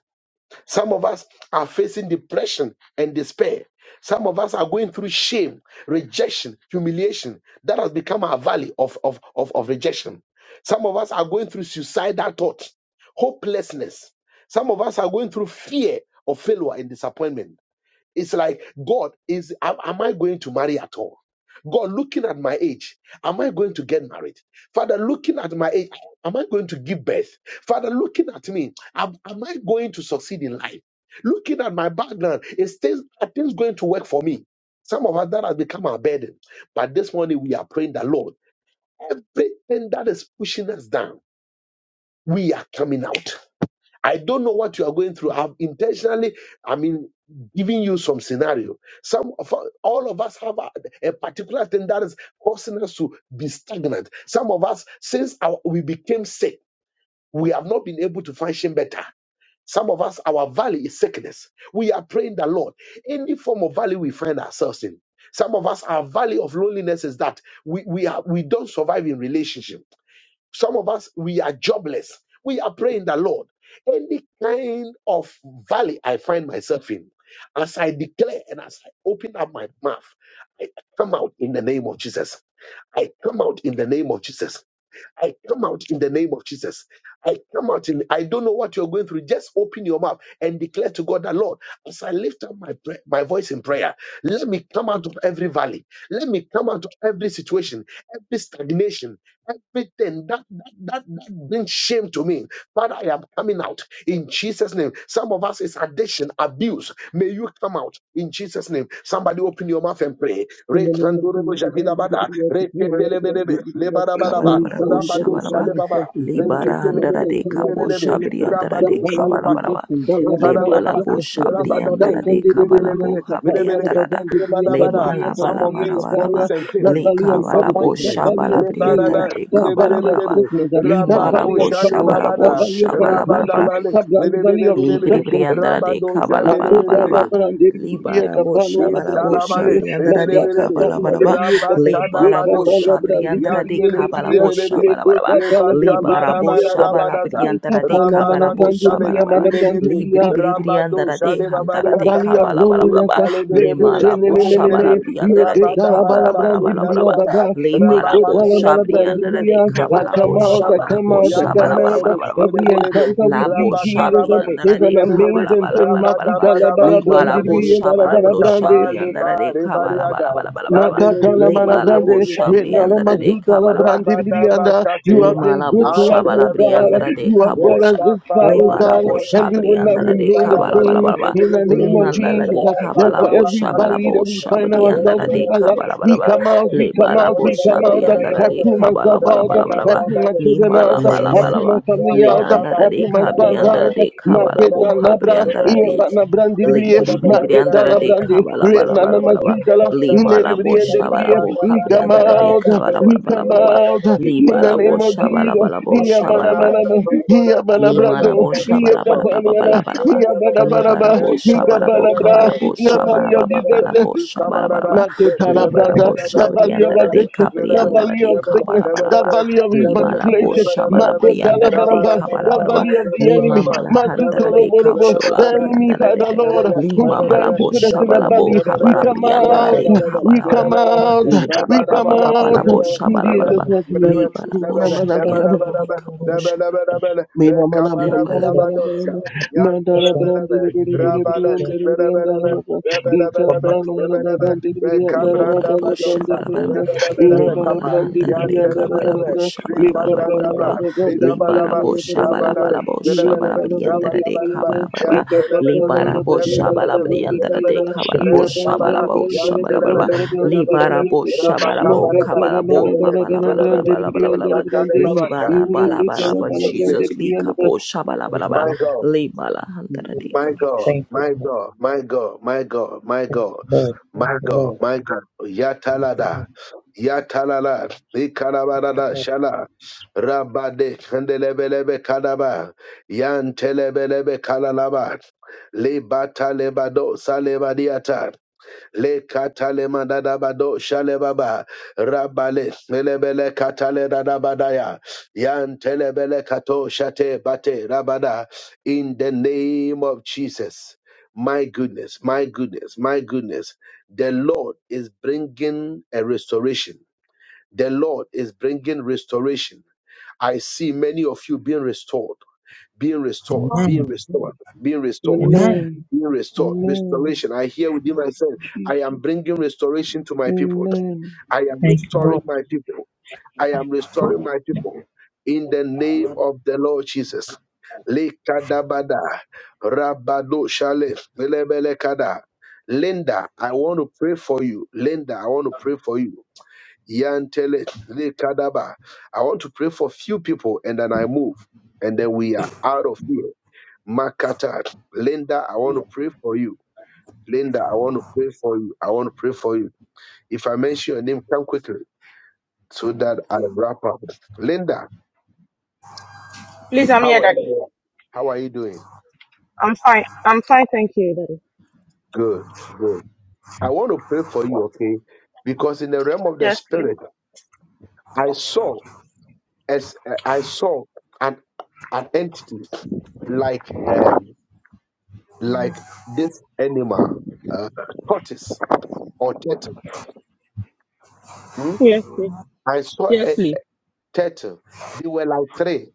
Speaker 1: Some of us are facing depression and despair. Some of us are going through shame, rejection, humiliation. That has become our valley of, of, of, of rejection. Some of us are going through suicidal thoughts, hopelessness. Some of us are going through fear of failure and disappointment. It's like, God, is am, am I going to marry at all? God, looking at my age, am I going to get married? Father, looking at my age, am I going to give birth? Father, looking at me, am, am I going to succeed in life? Looking at my background, is things, are things going to work for me? Some of us that has become our burden. But this morning we are praying that Lord, everything that is pushing us down, we are coming out I don't know what you are going through. I've intentionally, I mean, giving you some scenario. Some of all of us have a, a particular thing that is causing us to be stagnant. Some of us, since our, we became sick, we have not been able to function better. Some of us, our valley is sickness. We are praying the Lord. Any form of valley we find ourselves in. Some of us, our valley of loneliness is that we we, are, we don't survive in relationship. Some of us, we are jobless. We are praying the Lord. Any kind of valley I find myself in, as I declare and as I open up my mouth, I come out in the name of Jesus. I come out in the name of Jesus. I come out in the name of Jesus. I come out in, I don't know what you're going through. Just open your mouth and declare to God that, Lord, as I lift up my, pray- my voice in prayer, let me come out of every valley. Let me come out of every situation, every stagnation, everything that, that, that, that brings shame to me. Father, I am coming out in Jesus' name. Some of us is addiction, abuse. May you come out in Jesus' name. Somebody open your mouth and pray.
Speaker 5: In the name of
Speaker 1: Rekandorobo
Speaker 5: Jesus, I give
Speaker 1: jakidabada,
Speaker 5: you the earth, I give I give
Speaker 1: reketelebelebe,
Speaker 5: you the earth.
Speaker 1: lebarabaraba,
Speaker 5: Holy God,
Speaker 4: Kabalabalabu
Speaker 5: you don't
Speaker 1: Rabado
Speaker 5: let
Speaker 4: shabalaba.
Speaker 1: Shalebaba,
Speaker 5: myself in. Father, I
Speaker 4: Libara
Speaker 5: come out,
Speaker 4: andara
Speaker 5: I
Speaker 1: Reketelebe,
Speaker 4: de
Speaker 5: come out,
Speaker 4: kabo
Speaker 5: I
Speaker 1: Lebelebe,
Speaker 5: come out.
Speaker 4: shabri andara
Speaker 5: That
Speaker 4: de
Speaker 1: Rabado
Speaker 5: valley of
Speaker 1: Shalebaka,
Speaker 4: kabalabalaba.
Speaker 5: rejection, that valley of
Speaker 4: Lebalabo
Speaker 1: Rebadabadaba,
Speaker 5: joblessness, uh,
Speaker 4: shabri
Speaker 5: that
Speaker 1: Rabadabe,
Speaker 4: andara de
Speaker 5: valley of poverty,
Speaker 1: Lebelebe,
Speaker 4: kabalabo
Speaker 5: that
Speaker 4: habri
Speaker 5: valley of
Speaker 1: Lebelebe,
Speaker 4: andara da.
Speaker 1: Rebadabada. Some of you is
Speaker 4: Lebalabalabalaba.
Speaker 1: promise and fail,
Speaker 5: poverty,
Speaker 4: Likabalabo
Speaker 5: that
Speaker 1: disappointment.
Speaker 5: valley of
Speaker 4: shabalabri
Speaker 5: shame,
Speaker 4: andara
Speaker 5: uh,
Speaker 1: Lebadada,
Speaker 4: de
Speaker 5: that valley of
Speaker 4: kabalabalaba.
Speaker 1: Lebelebelebe,
Speaker 5: sickness, uh, that
Speaker 1: Rabako
Speaker 5: valley of
Speaker 4: Limarabo
Speaker 5: trouble,
Speaker 4: shabalabo
Speaker 5: that
Speaker 1: Shalebabada,
Speaker 5: valley of manipulation,
Speaker 4: shabalabalabalaba.
Speaker 1: Rabadabale,
Speaker 5: that valley of
Speaker 4: Libri
Speaker 1: Lebelebelebe,
Speaker 5: deception.
Speaker 4: briandara de
Speaker 1: Rabado
Speaker 4: kabala bala
Speaker 5: Makuta
Speaker 4: bala
Speaker 5: la
Speaker 1: Zandelebelebe,
Speaker 4: ba.
Speaker 5: brandiri biriye
Speaker 4: Libara bosha
Speaker 5: kapanwa la
Speaker 1: in
Speaker 4: bala
Speaker 5: brandiri
Speaker 4: bosha
Speaker 5: biriye
Speaker 1: Talabane,
Speaker 4: briandara de
Speaker 5: makapa
Speaker 1: Rebelebele,
Speaker 4: kabala
Speaker 5: panwa
Speaker 4: bala
Speaker 5: la
Speaker 4: ba.
Speaker 5: biriye kapa we
Speaker 4: Libara
Speaker 5: kapa
Speaker 1: Rabakadabadosa,
Speaker 5: la
Speaker 4: bosha
Speaker 5: brandiri
Speaker 4: briandara de
Speaker 5: biriye der
Speaker 1: Yantelis,
Speaker 4: kabala
Speaker 5: biriye
Speaker 4: bosha
Speaker 1: Rebelebe,
Speaker 5: me
Speaker 4: bala bala ba.
Speaker 5: kota la brandiri
Speaker 4: Libara
Speaker 5: biriye
Speaker 4: bosha
Speaker 5: kapa
Speaker 4: bala
Speaker 1: Rebakabarabadabadaza,
Speaker 4: briandara
Speaker 5: kapa
Speaker 4: de
Speaker 5: la mana
Speaker 4: kabala
Speaker 1: Rabanado
Speaker 5: brandiri
Speaker 4: bosha
Speaker 1: Chalet,
Speaker 4: bala
Speaker 5: biriye
Speaker 4: bala ba.
Speaker 1: Rebele,
Speaker 5: mana
Speaker 4: Libri bri
Speaker 1: Rabado
Speaker 4: briandara de hantara de
Speaker 5: valley of
Speaker 1: Shalebabariakata,
Speaker 4: kabala bala bala
Speaker 1: In
Speaker 5: loneliness.
Speaker 4: ba.
Speaker 5: uh,
Speaker 1: Talebelebele,
Speaker 4: Limala bosha
Speaker 5: mekotenenemeneme,
Speaker 4: bala
Speaker 1: Rebelebe,
Speaker 4: briandara de kabala bala bala bala
Speaker 5: meketalabalabrandibria
Speaker 4: ba.
Speaker 1: Rabadabarabakundanaba,
Speaker 5: baba,
Speaker 4: Libara
Speaker 1: Rabanado,
Speaker 4: bosha briandara
Speaker 1: Rebelebe,
Speaker 4: de
Speaker 5: mekotalabalabrandibria. I
Speaker 4: kabala
Speaker 5: come out,
Speaker 4: bosha
Speaker 5: I
Speaker 1: Rebanabanaba,
Speaker 4: bala
Speaker 5: come out, I
Speaker 4: bosha bala
Speaker 5: come
Speaker 4: bala
Speaker 5: out. uh,
Speaker 4: bala
Speaker 1: Yantalebele,
Speaker 4: bala
Speaker 5: Every
Speaker 4: bala ba.
Speaker 1: Rebelebe,
Speaker 5: encounter with you,
Speaker 4: Labo
Speaker 5: Jesus,
Speaker 4: Shabri
Speaker 5: uh,
Speaker 4: and
Speaker 1: Rabakalabanes,
Speaker 5: is
Speaker 4: Nare
Speaker 5: an
Speaker 1: Rebelebe,
Speaker 4: Kabala
Speaker 5: amazing
Speaker 4: Bala
Speaker 5: thing.
Speaker 4: Bala Bala Bala Lebala Bo
Speaker 1: Rabadabadabakundane,
Speaker 5: Makutalabalabrandibriya,
Speaker 4: Shabala Bro
Speaker 5: balabalabrande.
Speaker 4: Shabri
Speaker 1: Aikapale
Speaker 4: and Nare
Speaker 1: bare bare
Speaker 4: Kabala
Speaker 1: ada.
Speaker 4: Bala Bala Bala Bala
Speaker 5: Makatala
Speaker 4: Lebala Bo
Speaker 5: marabrande,
Speaker 4: Shabri and
Speaker 5: renala
Speaker 1: Adelebelebelebelebele.
Speaker 4: Nare
Speaker 5: mazutala
Speaker 4: Kabala
Speaker 5: brande birianda. You have
Speaker 1: Rabadabakatea.
Speaker 4: Lima
Speaker 5: been
Speaker 4: Limala
Speaker 5: good to
Speaker 4: bosha
Speaker 5: us, O God.
Speaker 1: Antelebelele.
Speaker 4: balabriandara de
Speaker 5: You have brought
Speaker 4: kabosha.
Speaker 5: us this far, O
Speaker 4: Lebara
Speaker 5: God,
Speaker 1: Yekapalabaya.
Speaker 5: and
Speaker 4: bosha
Speaker 5: we will not
Speaker 4: briandara de
Speaker 5: remain the
Speaker 4: kabala
Speaker 5: same
Speaker 4: balabalaba.
Speaker 1: Thank
Speaker 5: in the name of
Speaker 4: Lihandala
Speaker 5: Jesus.
Speaker 4: de kabala
Speaker 5: Therefore, every
Speaker 4: bosha
Speaker 5: valley that we
Speaker 4: balabosha
Speaker 5: find ourselves
Speaker 4: briandara
Speaker 5: in,
Speaker 4: de
Speaker 5: Father,
Speaker 4: kabala
Speaker 5: we
Speaker 4: balaba.
Speaker 5: come out, we come
Speaker 4: Lebala
Speaker 5: out, we
Speaker 4: bosha
Speaker 5: come out. I
Speaker 4: briandara de
Speaker 5: pull
Speaker 4: kabala
Speaker 5: myself out. I
Speaker 4: balabalabalaba.
Speaker 5: pull my children out.
Speaker 4: Limala
Speaker 5: I
Speaker 2: them.
Speaker 5: pull my
Speaker 4: balabalaba.
Speaker 5: family out. I
Speaker 4: Leandara de
Speaker 5: pull my spouse
Speaker 4: kabriandara
Speaker 5: out.
Speaker 4: de kabala
Speaker 5: Maketa
Speaker 4: boha
Speaker 5: na bra,
Speaker 4: briandara
Speaker 5: iye
Speaker 4: de.
Speaker 5: pa na brandi ribriye.
Speaker 4: Libri bri bri
Speaker 5: Maketa
Speaker 4: andara
Speaker 5: na
Speaker 4: de
Speaker 5: brandi,
Speaker 4: kabala
Speaker 5: re
Speaker 4: bala
Speaker 1: you.
Speaker 5: na na
Speaker 4: bala bala ba
Speaker 5: mazutala.
Speaker 4: li
Speaker 5: Ine
Speaker 4: mala bo
Speaker 5: ribriye, ine ribriye.
Speaker 4: shabala bo
Speaker 5: We
Speaker 4: habri
Speaker 5: come
Speaker 4: andara de
Speaker 5: out,
Speaker 4: kabala
Speaker 5: we
Speaker 4: bala bala
Speaker 5: come
Speaker 4: bala ba
Speaker 5: out.
Speaker 4: li
Speaker 5: In the
Speaker 4: bala bo
Speaker 5: name of
Speaker 4: shabala
Speaker 5: Jesus.
Speaker 4: bala bo
Speaker 5: Iya
Speaker 4: shabala
Speaker 5: mana
Speaker 4: ba
Speaker 5: mana ma, iya mana brando,
Speaker 4: Limalabo
Speaker 5: iya kapan wana,
Speaker 4: Shabalabalabalabalabalaba.
Speaker 5: iya mana bara ba,
Speaker 4: Libarabo
Speaker 5: iya
Speaker 4: Shabalabo
Speaker 5: mana bra.
Speaker 4: Kabalabo
Speaker 5: Iya mana
Speaker 4: Shabalababalabo Shabalabalaba.
Speaker 5: Makotala branda,
Speaker 4: Libarabo
Speaker 5: the valley of
Speaker 4: Shabriandara de
Speaker 5: addiction, the
Speaker 4: Cabriandara
Speaker 5: valley of
Speaker 4: de
Speaker 5: sickness, the
Speaker 4: Kabalabalaba.
Speaker 5: valley of
Speaker 4: Limalabo
Speaker 5: manipulation, Makotala
Speaker 4: Shabalabriandara de
Speaker 5: baramba, the
Speaker 4: Kabalabalaba.
Speaker 5: valley of the
Speaker 4: Lima
Speaker 5: enemy,
Speaker 4: Malahantara
Speaker 5: Mazutolo
Speaker 4: de
Speaker 5: borobo, the
Speaker 4: Kaushola
Speaker 5: enemy,
Speaker 4: Briandara
Speaker 5: Father
Speaker 4: de
Speaker 5: Lord, who's
Speaker 4: Lima
Speaker 5: trying to
Speaker 4: Malabo
Speaker 5: put us in a
Speaker 1: Yes,
Speaker 4: Shabalabo
Speaker 5: valley. We come
Speaker 4: Kabalabriandara
Speaker 5: out,
Speaker 4: de
Speaker 5: we come
Speaker 4: Kabalabalaba.
Speaker 5: out,
Speaker 4: Liba
Speaker 5: we
Speaker 4: Baba
Speaker 5: come
Speaker 4: Baba
Speaker 5: out,
Speaker 4: Labo
Speaker 5: in Jesus'
Speaker 4: Shabalabalaba.
Speaker 5: mighty
Speaker 4: Liba Labo Shabriandara de
Speaker 5: name.
Speaker 4: Kabosha.
Speaker 5: Mina mana brandala mana mana mandala brandiri biri biri biri andala biri andala baba ika prana mana mana brandiri biri andala
Speaker 4: Limala
Speaker 5: baba andala
Speaker 4: bosha
Speaker 5: brandiri
Speaker 4: bala
Speaker 5: biri
Speaker 4: bala bala.
Speaker 5: andala iya mana
Speaker 4: Limala
Speaker 5: brandiri
Speaker 4: handara
Speaker 5: biri
Speaker 4: deka
Speaker 5: andala
Speaker 4: bala
Speaker 5: mana mana
Speaker 4: bosha bala bala
Speaker 5: ika
Speaker 4: bala
Speaker 5: prana
Speaker 4: bala
Speaker 5: mana
Speaker 4: bala.
Speaker 5: mana brandiri biri
Speaker 4: Libara
Speaker 5: andala mana
Speaker 4: bosha
Speaker 5: mana
Speaker 4: bala
Speaker 5: andala
Speaker 4: bala bosha
Speaker 5: iya
Speaker 4: bala
Speaker 5: mana
Speaker 4: briandara
Speaker 5: brandiri biri
Speaker 4: deka
Speaker 5: andala
Speaker 4: bala bala bala.
Speaker 5: ika prana
Speaker 4: Libara
Speaker 5: mana mana
Speaker 4: bosha
Speaker 5: brandala
Speaker 4: bala
Speaker 1: Yan
Speaker 5: mana brandiri
Speaker 1: in
Speaker 4: briandara
Speaker 5: biri andala
Speaker 4: deka bala
Speaker 5: iya
Speaker 4: bosha
Speaker 5: mana
Speaker 4: bala
Speaker 5: mana
Speaker 4: bosha
Speaker 5: brandala
Speaker 4: bala
Speaker 5: mana
Speaker 4: bala bala.
Speaker 5: brandala mana brandiri
Speaker 4: Libara
Speaker 5: biri andala
Speaker 4: bosha bala
Speaker 5: maka
Speaker 4: bala
Speaker 5: mana mana mana
Speaker 4: bala
Speaker 5: mana
Speaker 4: bala bala
Speaker 5: brandiri
Speaker 4: bala
Speaker 5: biri
Speaker 4: bala bala bala.
Speaker 5: andala
Speaker 4: Libala
Speaker 5: Amen.
Speaker 4: bala bala bala
Speaker 1: Jesus' name.
Speaker 4: Jesus lika bosha bala bala bala.
Speaker 1: My God,
Speaker 4: Libala handara deka
Speaker 1: my God, my God, my God, my God, my God, my God, my God. Yatalada, Yatalala, Ikalabarada, Shala, Rabade, Kandelebelebe Kadaba, Yan Telebelebe Kalalaba, Lebata Lebado, Salebadiata le katale manada bado shale baba rabale melebele katale dada badaya yan telebele kato shate bate rabada in the name of Jesus my goodness my goodness my goodness the lord is bringing a restoration the lord is bringing restoration i see many of you being restored being restored being
Speaker 2: Amen.
Speaker 1: restored being restored
Speaker 2: Amen.
Speaker 5: Amen.
Speaker 1: being restored.
Speaker 5: Amen.
Speaker 1: Restoration. I hear within myself, I am
Speaker 5: Jesus.
Speaker 1: bringing restoration to my people.
Speaker 5: Amen.
Speaker 1: I am restoring my people. I am restoring my people. In the name of the Lord Jesus. Lekadabada, Rabado Shale, Lelebelekada. Linda, I want to pray for you. Linda, I want to pray for you. Yantele, Lekadaba. I want to pray for few people and then I move. And then we are out of here. Makata, Linda, I want to pray for you. Linda, I want to pray for you. I want to pray for you. If I mention your name, come quickly so that I wrap up. Linda,
Speaker 6: Please, I'm
Speaker 1: how
Speaker 6: here,
Speaker 1: are you?
Speaker 6: Daddy.
Speaker 1: How are you doing?
Speaker 6: I'm fine. I'm fine, thank you, Daddy.
Speaker 1: Good, good. I want to pray for you, okay? Because in the realm of the
Speaker 6: Yes, please.
Speaker 1: spirit, I saw as I saw an an entity like um like this animal, uh, tortoise or turtle. hmm?
Speaker 6: Yes, please.
Speaker 1: I saw
Speaker 6: Yes,
Speaker 1: a
Speaker 6: please.
Speaker 1: turtle. They were like three,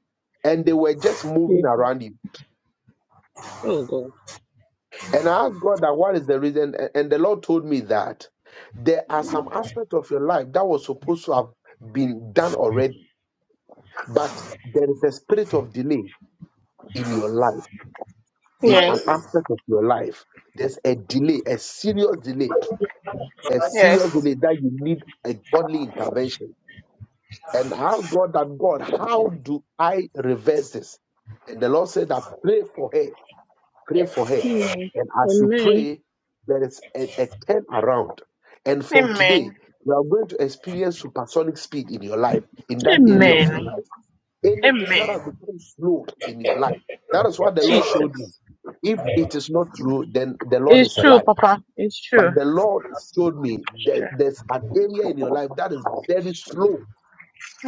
Speaker 1: and they were just moving
Speaker 6: Yes.
Speaker 1: around you
Speaker 6: Oh God.
Speaker 1: And I asked God that what is the reason? A- And the Lord told me that there are some aspects of your life that was supposed to have been done already, but there is a spirit of delay in your life, in an
Speaker 6: Yes.
Speaker 1: aspect of your life. There's a delay, a serious delay, a serious
Speaker 6: Yes.
Speaker 1: delay that you need a godly intervention. And I asked God that God, how do I reverse this? And the Lord said, I pray for her Pray for her.
Speaker 6: Amen.
Speaker 1: And as you
Speaker 6: Amen.
Speaker 1: pray, there is a, a turn around. And from today,
Speaker 6: Amen.
Speaker 1: you are going to experience supersonic speed in your life, in that area of your
Speaker 6: Amen.
Speaker 1: life. Anything that has
Speaker 6: Amen.
Speaker 1: become slow in your life. That is what the Lord showed me.
Speaker 6: Jesus.
Speaker 1: If it is not true, then the Lord
Speaker 6: It's
Speaker 1: is a
Speaker 6: true,
Speaker 1: lie.
Speaker 6: Papa. It's true.
Speaker 1: But the Lord showed me
Speaker 6: It's
Speaker 1: that
Speaker 6: true.
Speaker 1: there's an area in your life that is very slow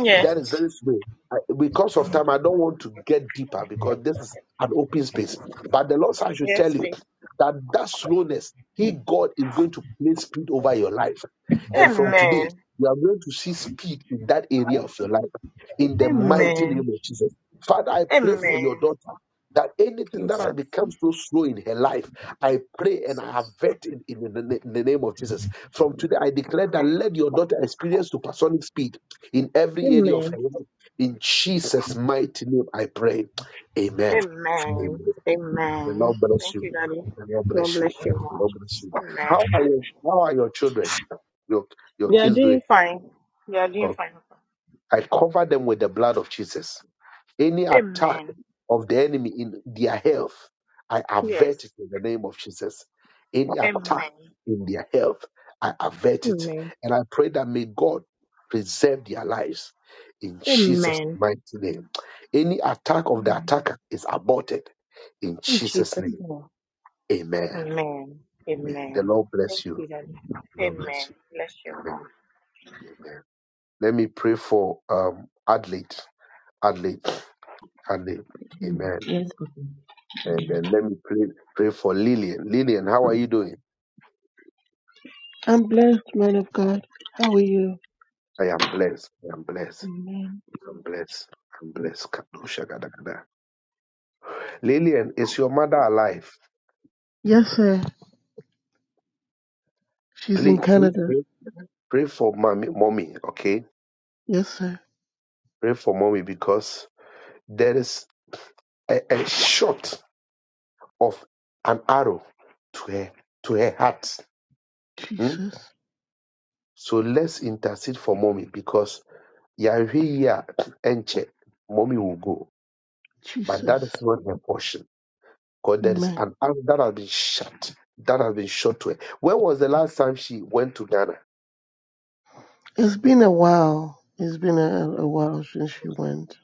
Speaker 6: Yes.
Speaker 1: that is very slow. I, because of time, I don't want to get deeper because this is an open space. But the Lord said I should
Speaker 6: Yes,
Speaker 1: tell you
Speaker 6: please.
Speaker 1: that that slowness, He, God, is going to place speed over your life. And from today,
Speaker 6: Amen.
Speaker 1: you are going to see speed in that area of your life. In the mighty name
Speaker 6: Amen.
Speaker 1: of Jesus. Father, I pray for your
Speaker 6: Amen.
Speaker 1: daughter that anything that has
Speaker 6: Jesus.
Speaker 1: become so slow in her life, I pray and I
Speaker 6: Jesus.
Speaker 1: avert it in the, in the name of Jesus. From today, I declare that let your daughter experience supersonic speed in every area
Speaker 6: Amen.
Speaker 1: of her life. In Jesus' mighty name, I pray. Amen.
Speaker 6: Amen.
Speaker 1: Amen. The
Speaker 6: Amen.
Speaker 1: Lord bless
Speaker 6: Thank
Speaker 1: you.
Speaker 6: you, Daddy.
Speaker 1: The Lord
Speaker 6: God
Speaker 1: bless you.
Speaker 6: bless you
Speaker 1: The
Speaker 6: Mom.
Speaker 1: Lord bless you.
Speaker 6: Amen.
Speaker 1: How are your How are your children? Your Your
Speaker 6: You are
Speaker 1: kids doing?
Speaker 6: doing fine. You are doing
Speaker 1: Oh,
Speaker 6: fine.
Speaker 1: I cover them with the blood of Jesus. Any attack
Speaker 6: Amen.
Speaker 1: of the enemy in their health, I
Speaker 6: Yes.
Speaker 1: avert it in the name of Jesus. Any attack
Speaker 6: Amen.
Speaker 1: in their health, I avert it.
Speaker 6: Amen.
Speaker 1: And I pray that may God preserve their lives in Jesus'
Speaker 6: Amen.
Speaker 1: mighty name. Any attack of the
Speaker 6: Mm.
Speaker 1: attacker is aborted in
Speaker 6: In
Speaker 1: Jesus'
Speaker 6: Jesus'
Speaker 1: name.
Speaker 6: name.
Speaker 1: Amen.
Speaker 6: Amen.
Speaker 1: The
Speaker 6: Amen.
Speaker 1: Lord bless
Speaker 6: Thank
Speaker 1: you.
Speaker 6: you, Daddy.
Speaker 1: The Lord
Speaker 6: Amen.
Speaker 1: bless you.
Speaker 6: Bless you. Mom.
Speaker 1: Amen. Amen. Let me pray for um Adelaide. Adelaide. Adelaide.
Speaker 7: Mm,
Speaker 1: Amen.
Speaker 7: Yes, okay.
Speaker 1: And then let me pray, pray for Lillian. Lillian, how are you doing?
Speaker 5: I'm blessed, man of God. How are you?
Speaker 1: I am blessed. I am blessed.
Speaker 5: Amen.
Speaker 1: I'm blessed. I'm blessed. Kadosha gada gada. Lillian, is your mother alive?
Speaker 5: Yes, sir. She's in
Speaker 1: Please, please
Speaker 5: Canada.
Speaker 1: pray, pray for mommy, mommy, okay?
Speaker 5: Yes, sir.
Speaker 1: Pray for mommy because there is a, a shot of an arrow to her, to her heart. Hmm?
Speaker 5: Jesus.
Speaker 1: So let's intercede for mommy because Yahweh here, Enche, mommy will go. But that
Speaker 5: Jesus.
Speaker 1: is not her portion. Because there is
Speaker 5: Amen.
Speaker 1: an arm that has been shut, that has been shot to her. When was the last time she went to Ghana?
Speaker 5: It's been a while. It's been a, a while since she went.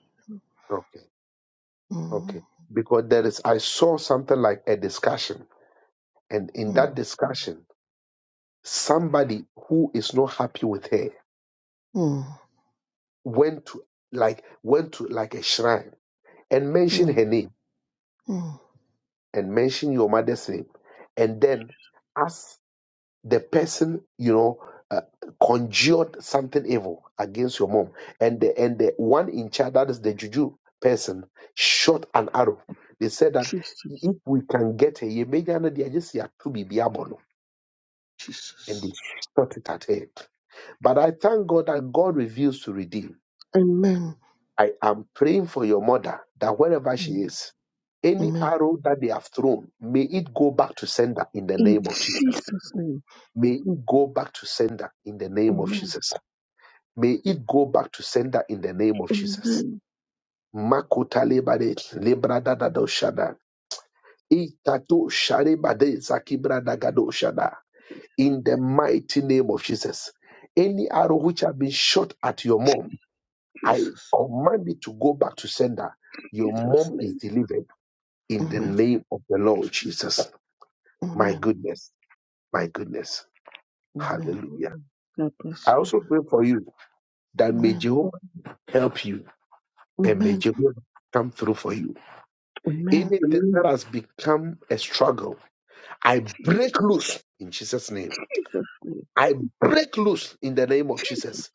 Speaker 1: Okay,
Speaker 5: Mm,
Speaker 1: okay. Because there is, I saw something like a discussion, and in that
Speaker 5: mm,
Speaker 1: discussion, somebody who is not happy with her
Speaker 5: mm,
Speaker 1: went to like went to like a shrine and mentioned
Speaker 5: mm,
Speaker 1: her name
Speaker 5: mm.
Speaker 1: and mentioned your mother's name, and then asked the person you know uh, conjured something evil against your mom and the and the one in charge that is the juju person shot an arrow they said that
Speaker 5: Jesus.
Speaker 1: if we can get her you may not be just here to be abono and they
Speaker 5: Jesus.
Speaker 1: shot it at her but i thank god that god reveals to redeem
Speaker 5: Amen.
Speaker 1: i am praying for your mother that wherever she
Speaker 5: Mm,
Speaker 1: is any
Speaker 5: Amen.
Speaker 1: arrow that they have thrown may it go back to sender in the
Speaker 5: In
Speaker 1: name of jesus
Speaker 5: Jesus' name.
Speaker 1: may it go back to sender in the name of
Speaker 5: Amen.
Speaker 1: jesus May it go back to sender in the name of Jesus.
Speaker 5: Amen.
Speaker 1: Makota lebade lebrada shada. Itato sharebade zakibrada shada. In the mighty name of Jesus. Any arrow which has been shot at your mom, I
Speaker 5: Jesus.
Speaker 1: command it to go back to sender. Your
Speaker 5: Jesus'
Speaker 1: mom is
Speaker 5: name.
Speaker 1: delivered in the
Speaker 5: Amen.
Speaker 1: name of the Lord Jesus. My
Speaker 5: Amen.
Speaker 1: goodness, my goodness.
Speaker 5: Amen.
Speaker 1: Hallelujah.
Speaker 5: God
Speaker 1: I
Speaker 5: bless you.
Speaker 1: also pray for you that may
Speaker 5: Amen.
Speaker 1: Jehovah help you and may
Speaker 5: Amen.
Speaker 1: Jehovah come through for you
Speaker 5: Amen.
Speaker 1: Anything that has become a struggle, I break loose in Jesus' name.
Speaker 5: Jesus' name.
Speaker 1: I break loose in the name of Jesus.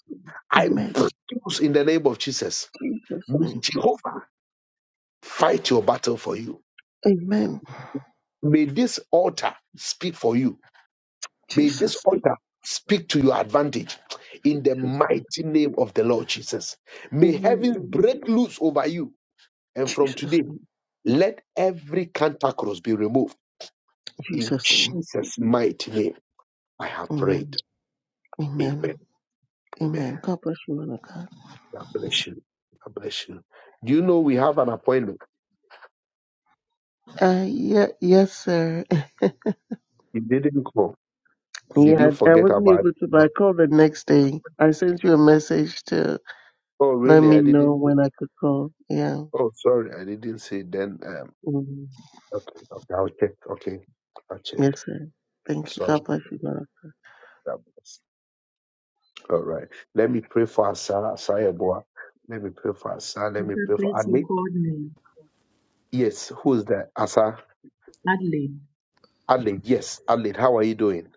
Speaker 1: I
Speaker 5: Amen.
Speaker 1: break loose in the name of Jesus.
Speaker 5: Jesus'
Speaker 1: May
Speaker 5: name.
Speaker 1: Jehovah fight your battle for you.
Speaker 5: Amen.
Speaker 1: May this altar speak for you. May this
Speaker 5: Jesus' name.
Speaker 1: altar speak to your advantage in the
Speaker 5: Jesus' name.
Speaker 1: mighty name of the Lord Jesus. May
Speaker 5: Amen.
Speaker 1: heaven break loose over you. And from
Speaker 5: Jesus'
Speaker 1: today,
Speaker 5: name.
Speaker 1: let every cantankerous be removed in
Speaker 5: Jesus' name.
Speaker 1: Jesus' mighty name. I have prayed.
Speaker 5: Amen. Amen.
Speaker 1: Amen.
Speaker 5: Amen.
Speaker 1: Amen.
Speaker 5: God bless you, man of God.
Speaker 1: God bless you. God bless you. Do you know we have an appointment?
Speaker 5: Uh, yeah, yes, sir. *laughs*
Speaker 1: You didn't call. Did
Speaker 5: Yeah,
Speaker 1: you
Speaker 5: I
Speaker 1: forget
Speaker 5: wasn't
Speaker 1: about?
Speaker 5: able to, but
Speaker 1: it?
Speaker 5: I called the next day. I sent you a message to
Speaker 1: Oh,
Speaker 5: let
Speaker 1: really?
Speaker 5: me
Speaker 1: I
Speaker 5: know
Speaker 1: didn't.
Speaker 5: when I could call. Yeah.
Speaker 1: Oh, sorry. I didn't see. Then, um,
Speaker 5: Mm.
Speaker 1: okay. Okay. I'll check. Okay. I'll check.
Speaker 5: Yes, sir. Thank you. God
Speaker 1: Sorry.
Speaker 5: bless you, God.
Speaker 1: God bless. All right. Let me pray for Asa, Asa Yeboah. Let me pray for Asa. Let me
Speaker 7: Papa,
Speaker 1: pray for
Speaker 7: please, you
Speaker 1: Ali.
Speaker 7: called me.
Speaker 1: Yes. Who's that? Asa.
Speaker 7: Adelaide,
Speaker 1: Ali. Yes. Ali. How are you doing?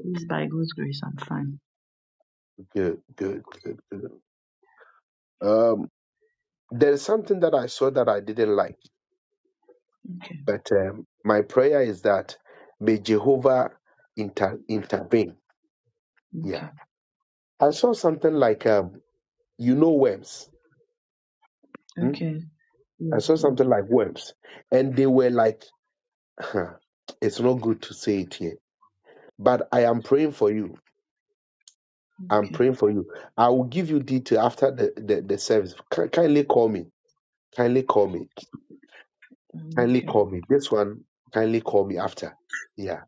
Speaker 7: please, by God's grace, I'm fine.
Speaker 1: Good. Good. Good. Good. Um, there is something that I saw that I didn't like
Speaker 7: Okay,
Speaker 1: But um, my prayer is that may Jehovah inter- intervene. Yeah.
Speaker 7: okay,
Speaker 1: I saw something like, um, you know, worms. Hmm?
Speaker 7: okay.
Speaker 1: I
Speaker 7: Yes,
Speaker 1: saw
Speaker 7: yes,
Speaker 1: something like worms. And they were like, huh, it's not good to say it here, but I am praying for you. I'm
Speaker 7: okay.
Speaker 1: praying for you. I will give you detail after the, the, the service. Ki- kindly call me. Kindly call me.
Speaker 7: Um,
Speaker 1: Kindly
Speaker 7: okay.
Speaker 1: call me. This one, kindly call me after. Yeah.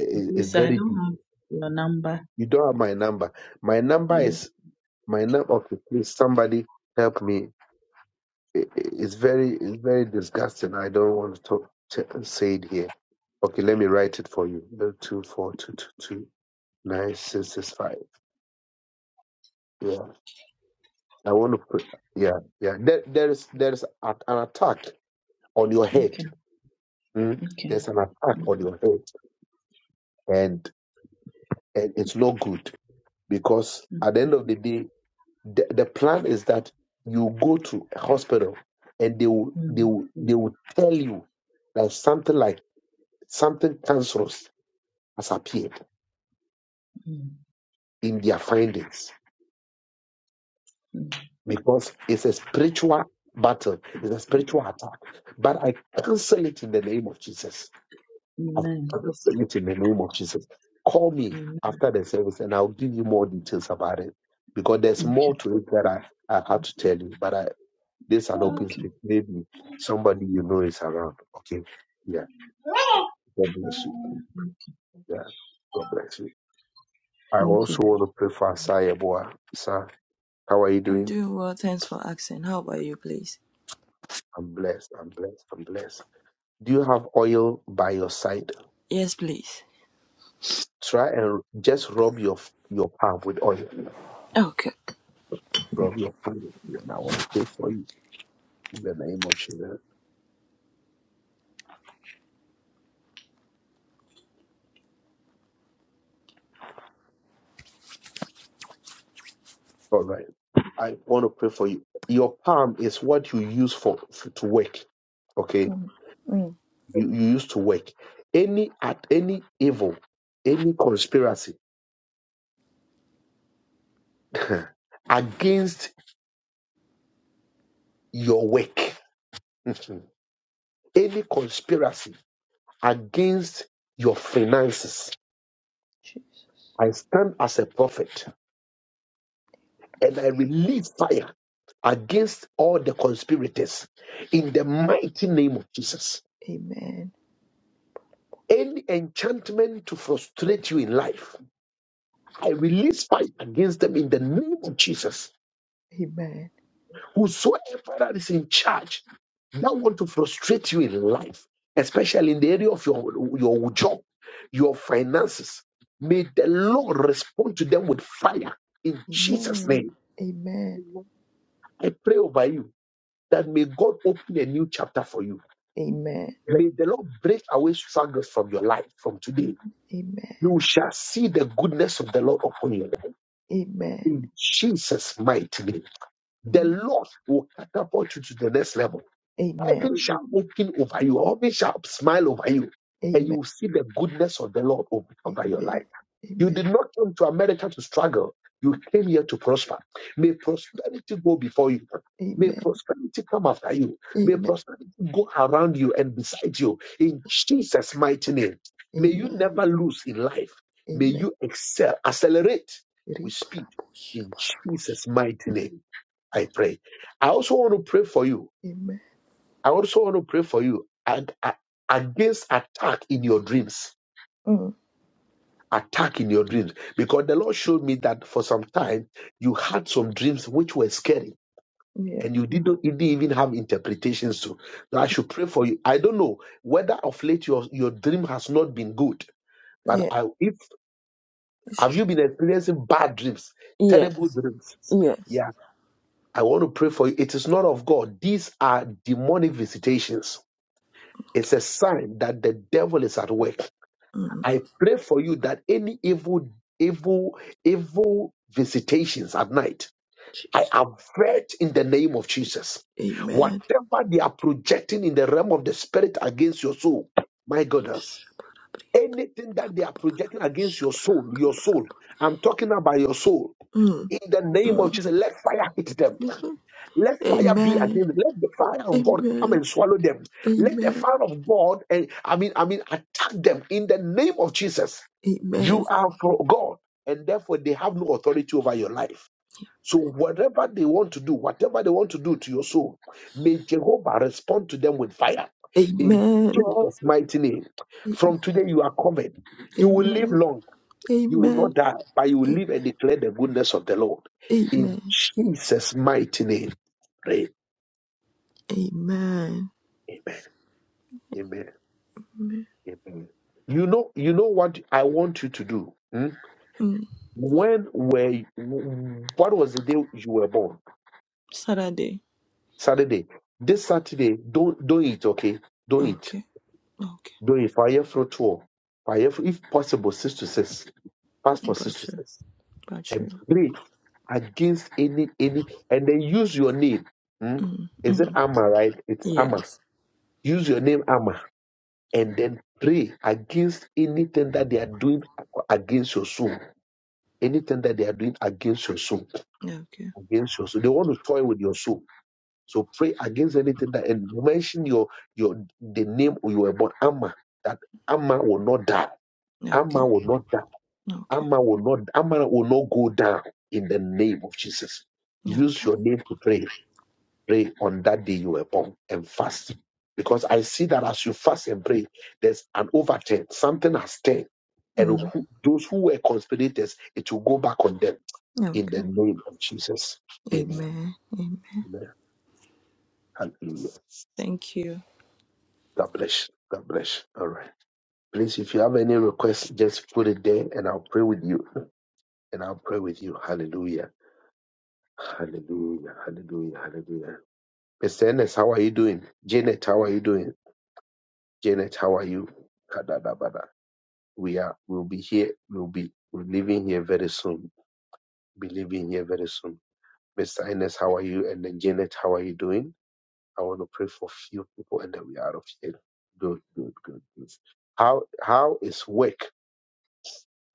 Speaker 1: I- I- it's
Speaker 7: Please, I
Speaker 1: very
Speaker 7: don't
Speaker 1: deep.
Speaker 7: have your number.
Speaker 1: You don't have my number. My number
Speaker 7: Yes,
Speaker 1: is My name, okay, please somebody help me. I- i- It's very, it's very disgusting. I don't want to, talk, to say it here. Okay, let me write it for you. Two four two two two nine six six five. Yeah, I want to put. Yeah, yeah. There, there is, there is a, an attack on your
Speaker 7: okay,
Speaker 1: head. Mm?
Speaker 7: okay.
Speaker 1: There's an attack on your head, and and it's no good because
Speaker 7: Mm,
Speaker 1: at the end of the day, the, the plan is that you go to a hospital and they will they
Speaker 7: mm,
Speaker 1: will they will tell you that something like something cancerous has appeared
Speaker 7: mm,
Speaker 1: in their findings
Speaker 7: mm.
Speaker 1: because it's a spiritual battle, it's a spiritual attack. But I cancel it in the name of Jesus. I
Speaker 7: Amen.
Speaker 1: cancel it in the name of Jesus. Call me
Speaker 7: Amen.
Speaker 1: after the service and I'll give you more details about it because there's
Speaker 7: Okay,
Speaker 1: more to it that I, I had to tell you. But I This is an open
Speaker 7: okay.
Speaker 1: space. Maybe somebody you know is around. Okay. Yeah. God bless you. Yeah. God bless you. I
Speaker 7: Thank
Speaker 1: also
Speaker 7: you.
Speaker 1: want to pray for Asai Eboa. Sir, how are you
Speaker 4: I'm
Speaker 1: doing?
Speaker 4: doing well. Thanks for asking. How about you, please?
Speaker 1: I'm blessed. I'm blessed. I'm blessed. Do you have oil by your side?
Speaker 4: Yes, please.
Speaker 1: Try and just rub your your palm with oil.
Speaker 4: Okay.
Speaker 1: Rub your palm. with oil. And I want to pray for you in the name of Jesus. All right. I want to pray for you. Your palm is what you use for to work. Okay you, you used to work. Any at any evil, any conspiracy *laughs* against your work, *laughs* any conspiracy against your finances,
Speaker 4: Jesus.
Speaker 1: I stand as a prophet and I release fire against all the conspirators in the mighty name of Jesus.
Speaker 4: Amen.
Speaker 1: Any enchantment to frustrate you in life, I release fire against them in the name of Jesus.
Speaker 4: Amen.
Speaker 1: Whosoever that is in charge that want to frustrate you in life, especially in the area of your, your job, your finances, may the Lord respond to them with fire in Jesus'
Speaker 4: Amen.
Speaker 1: name.
Speaker 4: Amen.
Speaker 1: I pray over you that may God open a new chapter for you.
Speaker 4: Amen.
Speaker 1: May the Lord break away struggles from your life from today.
Speaker 4: Amen. Amen.
Speaker 1: You shall see the goodness of the Lord upon you
Speaker 4: Amen.
Speaker 1: in Jesus' mighty name. The Lord will catapult you to the next level
Speaker 4: Amen. Amen.
Speaker 1: Heaven shall open over you. Heaven shall smile over you. And you
Speaker 4: Amen.
Speaker 1: will see the goodness of the Lord over over your life. You
Speaker 4: Amen.
Speaker 1: did not come to America to struggle. You came here to prosper. May prosperity go before you.
Speaker 4: Amen.
Speaker 1: May prosperity come after you. May
Speaker 4: Amen.
Speaker 1: prosperity go around you and beside you. In Jesus' mighty name. May you
Speaker 4: Amen.
Speaker 1: never lose in life. May
Speaker 4: Amen.
Speaker 1: you excel, accelerate with speed.
Speaker 4: Ribarabush,
Speaker 1: In
Speaker 4: barabush.
Speaker 1: Jesus' mighty name, I pray. I also want to pray for you
Speaker 4: Amen.
Speaker 1: I also want to pray for you and uh, against attack in your dreams.
Speaker 4: Mm.
Speaker 1: Attack in your dreams. Because the Lord showed me that for some time you had some dreams which were scary
Speaker 4: Yes.
Speaker 1: and you didn't, you didn't even have interpretations to. So I should pray for you. I don't know whether of late your, your dream has not been good, but
Speaker 4: Yeah.
Speaker 1: I, if
Speaker 4: It's
Speaker 1: have you
Speaker 4: true.
Speaker 1: been experiencing bad dreams, terrible
Speaker 4: Yes.
Speaker 1: dreams?
Speaker 4: Yes.
Speaker 1: Yeah, I want to pray for you. It is not of God. These are demonic visitations. It's
Speaker 4: Okay.
Speaker 1: a sign that the devil is at work
Speaker 4: Mm.
Speaker 1: I pray for you that any evil, evil, evil visitations at night, I
Speaker 4: Jesus.
Speaker 1: avert in the name of Jesus.
Speaker 4: Amen.
Speaker 1: Whatever they are projecting in the realm of the spirit against your soul, my goodness,
Speaker 4: Shabarabrianda,
Speaker 1: anything that they are projecting
Speaker 4: kapapapalabush,
Speaker 1: against your soul, your soul,
Speaker 4: shabarakaparabu.
Speaker 1: I'm talking about your soul.
Speaker 4: Mm.
Speaker 1: In the name of
Speaker 4: Mm.
Speaker 1: Jesus, let fire hit them.
Speaker 4: Mm-hmm.
Speaker 1: Let fire be against
Speaker 4: Amen.
Speaker 1: them. Let the fire of God come
Speaker 4: Amen.
Speaker 1: and swallow them. Let the
Speaker 4: Amen.
Speaker 1: fire of God, and I mean, I mean, attack them in the name of Jesus.
Speaker 4: Amen.
Speaker 1: You are from God, and therefore they have no authority over your life. So whatever they want to do, whatever they want to do to your soul, may Jehovah respond to them with fire. In
Speaker 4: Amen.
Speaker 1: Jesus' mighty name. From today you are covered. You will live
Speaker 4: Amen.
Speaker 1: long. You will
Speaker 4: Amen.
Speaker 1: not die, but you will live and declare the goodness of the Lord. In
Speaker 4: Amen.
Speaker 1: Jesus' mighty name. pray.
Speaker 4: Amen.
Speaker 1: Amen. Amen. Amen. You know, you know what I want you to do. hmm?
Speaker 4: Mm.
Speaker 1: When were you, what was the day you were born?
Speaker 4: Saturday.
Speaker 1: Saturday. This Saturday, don't don't eat, okay? Don't eat.
Speaker 4: Okay. Okay.
Speaker 1: Don't eat. Fire for two. Fire for, if possible, six to six. Fast for six to
Speaker 4: Butcher.
Speaker 1: six.
Speaker 4: Butcher.
Speaker 1: And pray against any any and then use your name. hmm?
Speaker 4: Mm.
Speaker 1: Is it
Speaker 4: Mm.
Speaker 1: Amma, right? It's Amma.
Speaker 4: Yes.
Speaker 1: Use your name Amma and then pray against anything that they are doing against your soul Anything that they are doing against your soul,
Speaker 4: Okay.
Speaker 1: against your soul, they want to toy with your soul. So pray against anything that and mention your your the name you were born, Amma. That Amma will not die.
Speaker 4: Okay.
Speaker 1: Amma will not die.
Speaker 4: Okay.
Speaker 1: Amma will not. Amma will not go down in the name of Jesus. Use
Speaker 4: Okay.
Speaker 1: your name to pray. Pray on that day you were born and fast. Because I see that as you fast and pray, there's an overturn. Something has turned and
Speaker 4: Mm.
Speaker 1: who, those who were conspirators, it will go back on them in
Speaker 4: Okay.
Speaker 1: the name of Jesus. Amen.
Speaker 4: Amen. Amen.
Speaker 1: Amen. Hallelujah.
Speaker 4: Thank you.
Speaker 1: God bless. God bless. All right. Please, if you have any requests, just put it there and I'll pray with you. And I'll pray with you. Hallelujah. Hallelujah. Hallelujah. Hallelujah. Mr. Ennis, how are you doing? Janet, how are you doing? Janet, how are you? Kadadabada. We are we'll be here. We'll be we're leaving here very soon. Be leaving here very soon. Mr. Ennis, how are you? And then Janet, how are you doing? I want to pray for few people and then we are out of here. Good, good, good, good. How how is work?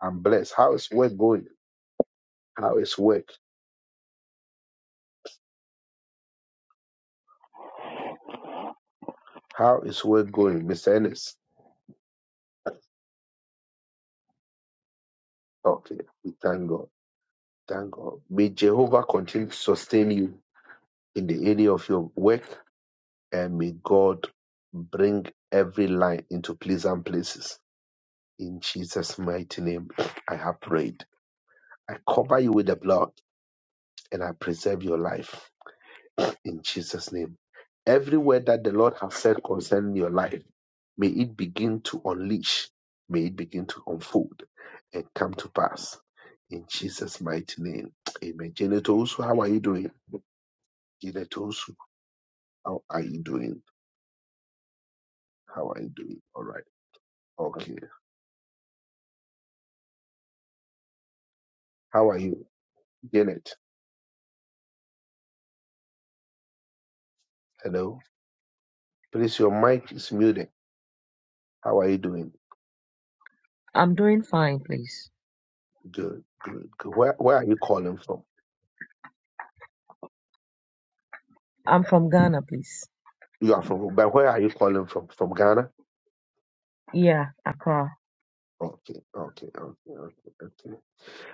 Speaker 1: I'm blessed. How is work going? How is work? How is work going, Mr. Ennis? Okay, we thank God. Thank God. May Jehovah continue to sustain you in the area of your work and may God bring every line into pleasant places. In Jesus' mighty name, I have prayed. I cover you with the blood and I preserve your life in Jesus' name. Every word that the Lord has said concerning your life, may it begin to unleash, may it begin to unfold and come to pass. In Jesus' mighty name. Amen. Janet Osu, how are you doing? Janet Osu, how are you doing? How are you doing? All right. Okay. How are you? Janet, hello. Please, your mic is muted. How are you doing?
Speaker 8: I'm doing fine, please.
Speaker 1: Good, good, good. Where, where are you calling from?
Speaker 8: I'm from Ghana, please.
Speaker 1: You are from, but where are you calling from? From Ghana?
Speaker 8: Yeah, Accra.
Speaker 1: Okay, okay, okay, okay, okay.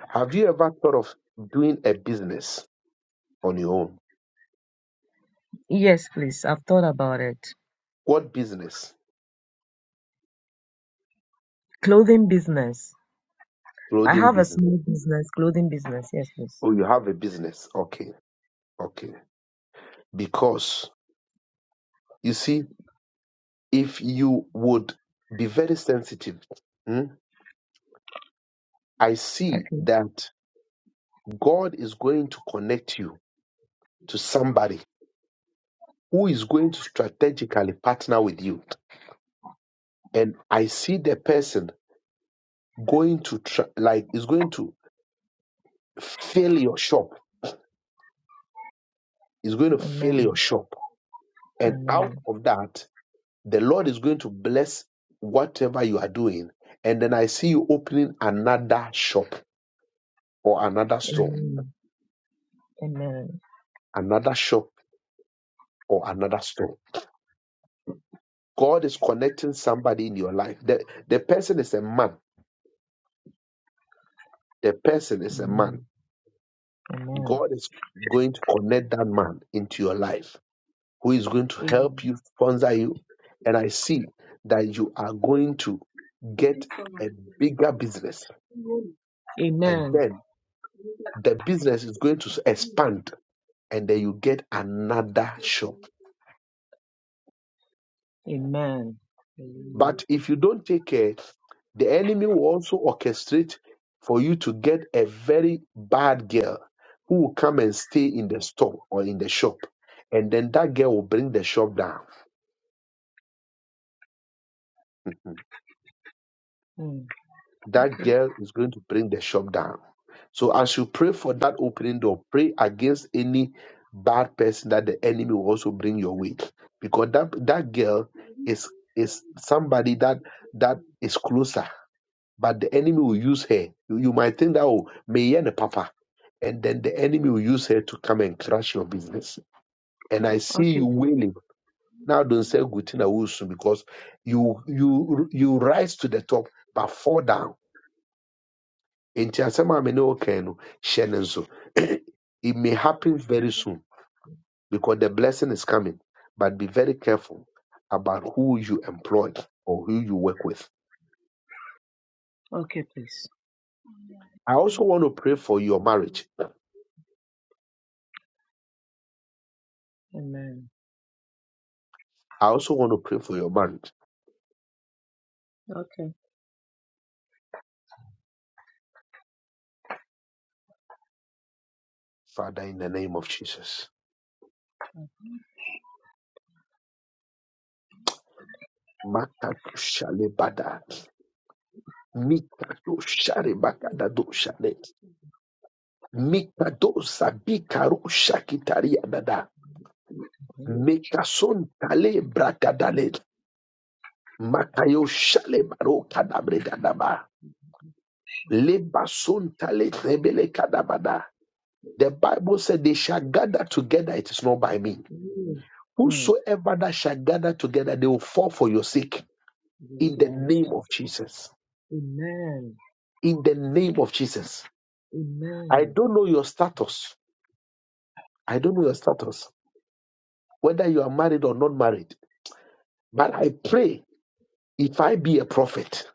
Speaker 1: Have you ever thought of doing a business on your own?
Speaker 8: Yes, please. I've thought about it.
Speaker 1: What business?
Speaker 8: Clothing business. I
Speaker 1: Clothing
Speaker 8: have a
Speaker 1: business.
Speaker 8: small business, clothing business. Yes, please.
Speaker 1: Oh, you have a business. Okay, okay. Because you see, if you would be very sensitive, hmm, I see
Speaker 8: Okay.
Speaker 1: that God is going to connect you to somebody who is going to strategically partner with you. And I see the person going to try, like, is going to fill your shop is going to fill
Speaker 8: Amen.
Speaker 1: your shop. And out
Speaker 8: Amen.
Speaker 1: of that, the Lord is going to bless whatever you are doing. And then I see you opening another shop or another store,
Speaker 8: Amen. Amen.
Speaker 1: another shop or another store. God is connecting somebody in your life. The, the person is a man. The person is a man.
Speaker 8: Amen.
Speaker 1: God is going to connect that man into your life who is going to
Speaker 8: Amen.
Speaker 1: help you, sponsor you. And I see that you are going to get a bigger business. And
Speaker 8: Amen.
Speaker 1: then the business is going to expand and then you get another shop.
Speaker 8: Amen. Amen. Hallelujah.
Speaker 1: But if you don't take care, the enemy will also orchestrate for you to get a very bad girl who will come and stay in the store or in the shop. And then that girl will bring the shop down. *laughs*
Speaker 8: Mm.
Speaker 1: that girl is going to bring the shop down. So as you pray for that opening door, pray against any bad person that the enemy will also bring your way. Because that that girl is is somebody that that is closer, but the enemy will use her. You, you might think that oh, may and papa, and then the enemy will use her to come and crash your business. And I see
Speaker 8: Okay,
Speaker 1: you
Speaker 8: please.
Speaker 1: wailing. Now don't say good thing I will soon because you you you rise to the top but fall down Enti asɛm a me ne wo kan no hyɛ ne nso. *clears throat* it may happen very soon because the blessing is coming. But be very careful about who you employ or who you work with.
Speaker 8: Okay, please.
Speaker 1: I also want to pray for your marriage.
Speaker 8: Amen.
Speaker 1: I also want to pray for your marriage.
Speaker 8: Okay.
Speaker 1: Father, in the name of Jesus. Makato shale bada. Mikato shale bakada do shale. Mikado sabikaro shakitaria dada.
Speaker 8: Amen.
Speaker 1: Mekason tale brakadale. Makayo shale baro kadabre kadaba. Leba sunta le rebele kadabada. The Bible said they shall gather together, it is not by me.
Speaker 8: Mm. Mm.
Speaker 1: Whosoever that shall gather together, they will fall for your sake
Speaker 8: Yes,
Speaker 1: in the
Speaker 8: Lord.
Speaker 1: name of Jesus.
Speaker 8: Amen.
Speaker 1: In the name of Jesus. I
Speaker 8: Amen.
Speaker 1: don't know your status. I don't know your status, whether you are married or not married. But I pray if I be a prophet,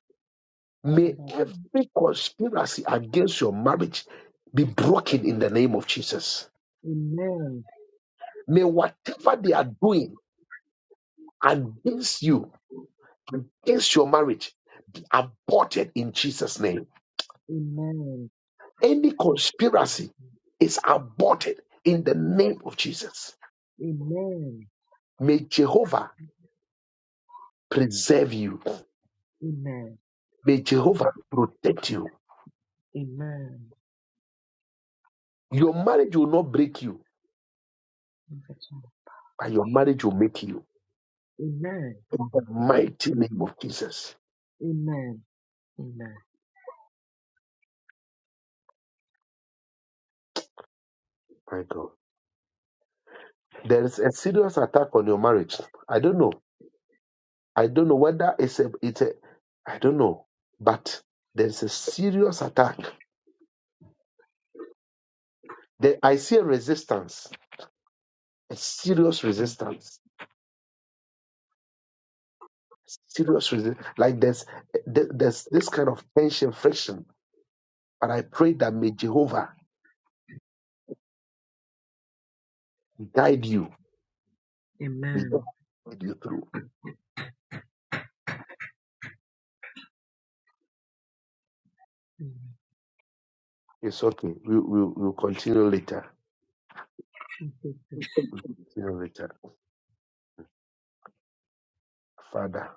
Speaker 1: may
Speaker 8: parable.
Speaker 1: every conspiracy against your marriage be broken in the name of Jesus
Speaker 8: Amen.
Speaker 1: May whatever they are doing against you, against your marriage, be aborted in Jesus' name.
Speaker 8: Amen.
Speaker 1: Any conspiracy is aborted in the name of Jesus.
Speaker 8: Amen.
Speaker 1: May Jehovah preserve you.
Speaker 8: Amen. Amen.
Speaker 1: May Jehovah protect you.
Speaker 8: Amen.
Speaker 1: Your marriage will not break you, but your marriage will make you. In the
Speaker 8: Amen.
Speaker 1: mighty name of Jesus.
Speaker 8: Amen. Amen.
Speaker 1: My God. There is a serious attack on your marriage. I don't know. I don't know whether it's a, it's a, I don't know, but there's a serious attack. There, I see a resistance, a serious resistance, serious resistance. Like there's, there- there's this kind of tension, friction. But I pray that may Jehovah guide you, may God
Speaker 8: Amen.
Speaker 1: guide you through.
Speaker 8: Amen.
Speaker 1: It's okay. We, we, we'll continue later. We'll continue later. Father,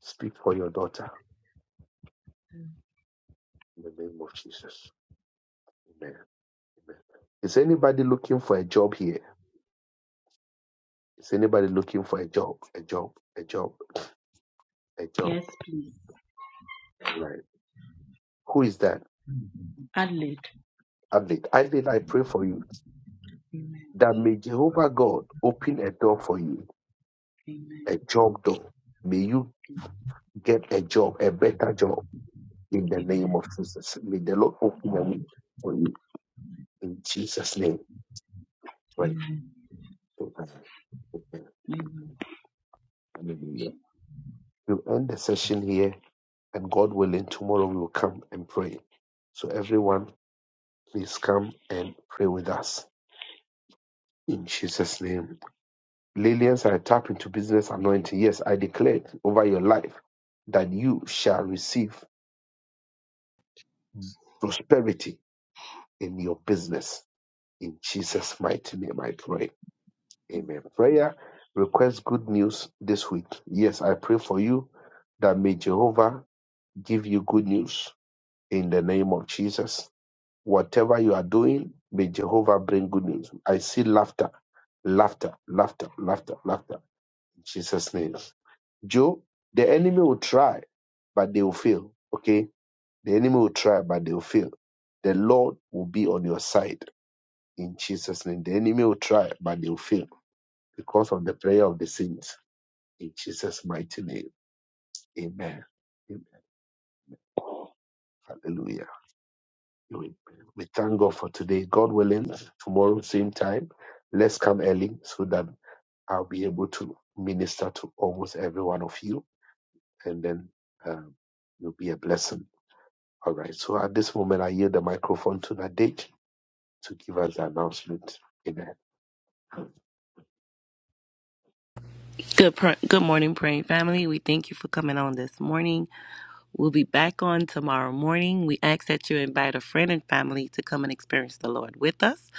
Speaker 1: speak for your daughter in the name of Jesus. Amen. Amen. Is anybody looking for a job here? Is anybody looking for a job? A job? A job? A job?
Speaker 7: Yes, please.
Speaker 1: All right. Who is that?
Speaker 7: Adelaide.
Speaker 1: Adelaide. Adelaide, I pray for you
Speaker 7: Amen.
Speaker 1: that may Jehovah God open a door for you,
Speaker 7: Amen.
Speaker 1: a job door. May you get a job, a better job in the name
Speaker 7: Amen.
Speaker 1: of Jesus. May the Lord open a way for you in Jesus' name. Right.
Speaker 7: Amen.
Speaker 1: Amen. Amen.
Speaker 7: Amen. Thank you.
Speaker 1: Hallelujah. We'll end the session here, and God willing, tomorrow we will come and pray. So everyone, please come and pray with us in Jesus' name. Lillians, I tap into business anointing. Yes, I declare it over your life that you shall receive prosperity in your business. In Jesus' mighty name, I pray. Amen. Prayer request good news this week. Yes, I pray for you that may Jehovah give you good news in the name of Jesus. Whatever you are doing, may Jehovah bring good news. I see laughter, laughter, laughter, laughter, laughter. In Jesus' name. Joe, the enemy will try, but they will fail. Okay? The enemy will try, but they will fail. The Lord will be on your side in Jesus' name. The enemy will try, but they will fail because of the prayer of the saints in Jesus' mighty name. Amen. Amen. Hallelujah. Amen. We thank God for today. God willing, tomorrow, same time, let's come early so that I'll be able to minister to almost every one of you and then um, you'll be a blessing. All right. So at this moment, I yield the microphone to Nadek to give us the announcement. Amen.
Speaker 9: Good, pr- good morning, praying family. We thank you for coming on this morning. We'll be back on tomorrow morning. We ask that you invite a friend and family to come and experience the Lord with us.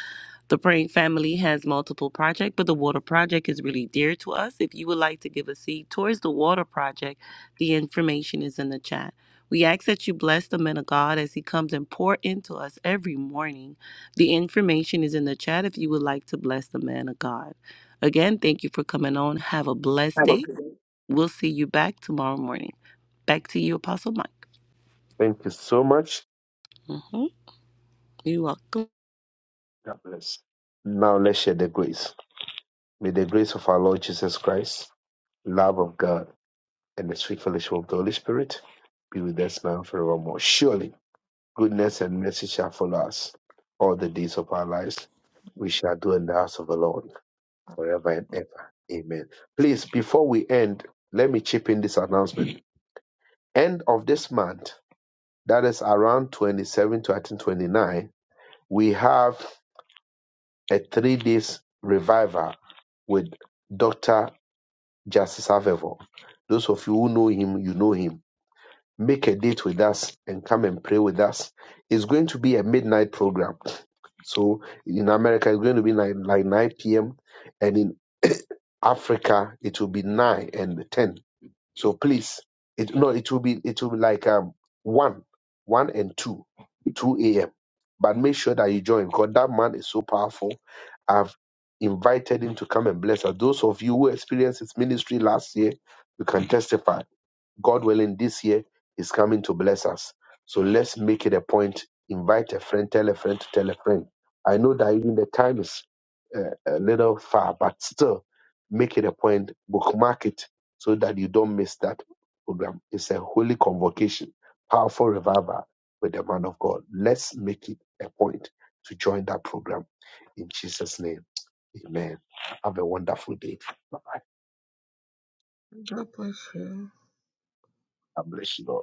Speaker 9: The praying family has multiple projects, but the water project is really dear to us. If you would like to give a seed towards the water project, the information is in the chat. We ask that you bless the man of God as he comes and pour into us every morning. The information is in the chat if you would like to bless the man of God. Again, thank you for coming on. Have a blessed day We'll see you back tomorrow morning. Back to you, Apostle Mike.
Speaker 1: Thank you so much.
Speaker 9: hmm You're welcome.
Speaker 1: God bless. Now let's share the grace. May the grace of our Lord Jesus Christ, love of God, and the sweet fellowship of the Holy Spirit be with us now and forevermore. Surely. Goodness and mercy shall follow us all the days of our lives. We shall do in the house of the Lord forever and ever. Amen. Please, before we end, let me chip in this announcement. End of this month, that is around 27 to I think 29, we have a three days revival with Dr. Justice Avevo. Those of you who know him, you know him Make a date with us and come and pray with us. It's going to be a midnight program. So in America, it's going to be like, like 9 p.m. And in *coughs* *clears throat* Africa, it will be 9 and 10. So please, it, no, it will be, it will be like um, 1, 1 and 2, 2 a.m. But make sure that you join because that man is so powerful. I've invited him to come and bless us. Those of you who experienced his ministry last year, you can testify. God willing, this year is coming to bless us. So let's make it a point. Invite a friend, tell a friend to tell a friend. I know that even the time is uh, a little far, but still make it a point, bookmark it so that you don't miss that program. It's a holy convocation, powerful revival with the man of God. Let's make it a point to join that program in Jesus' name. Amen. Have a wonderful day. Bye.
Speaker 5: God bless you.
Speaker 1: God bless you all.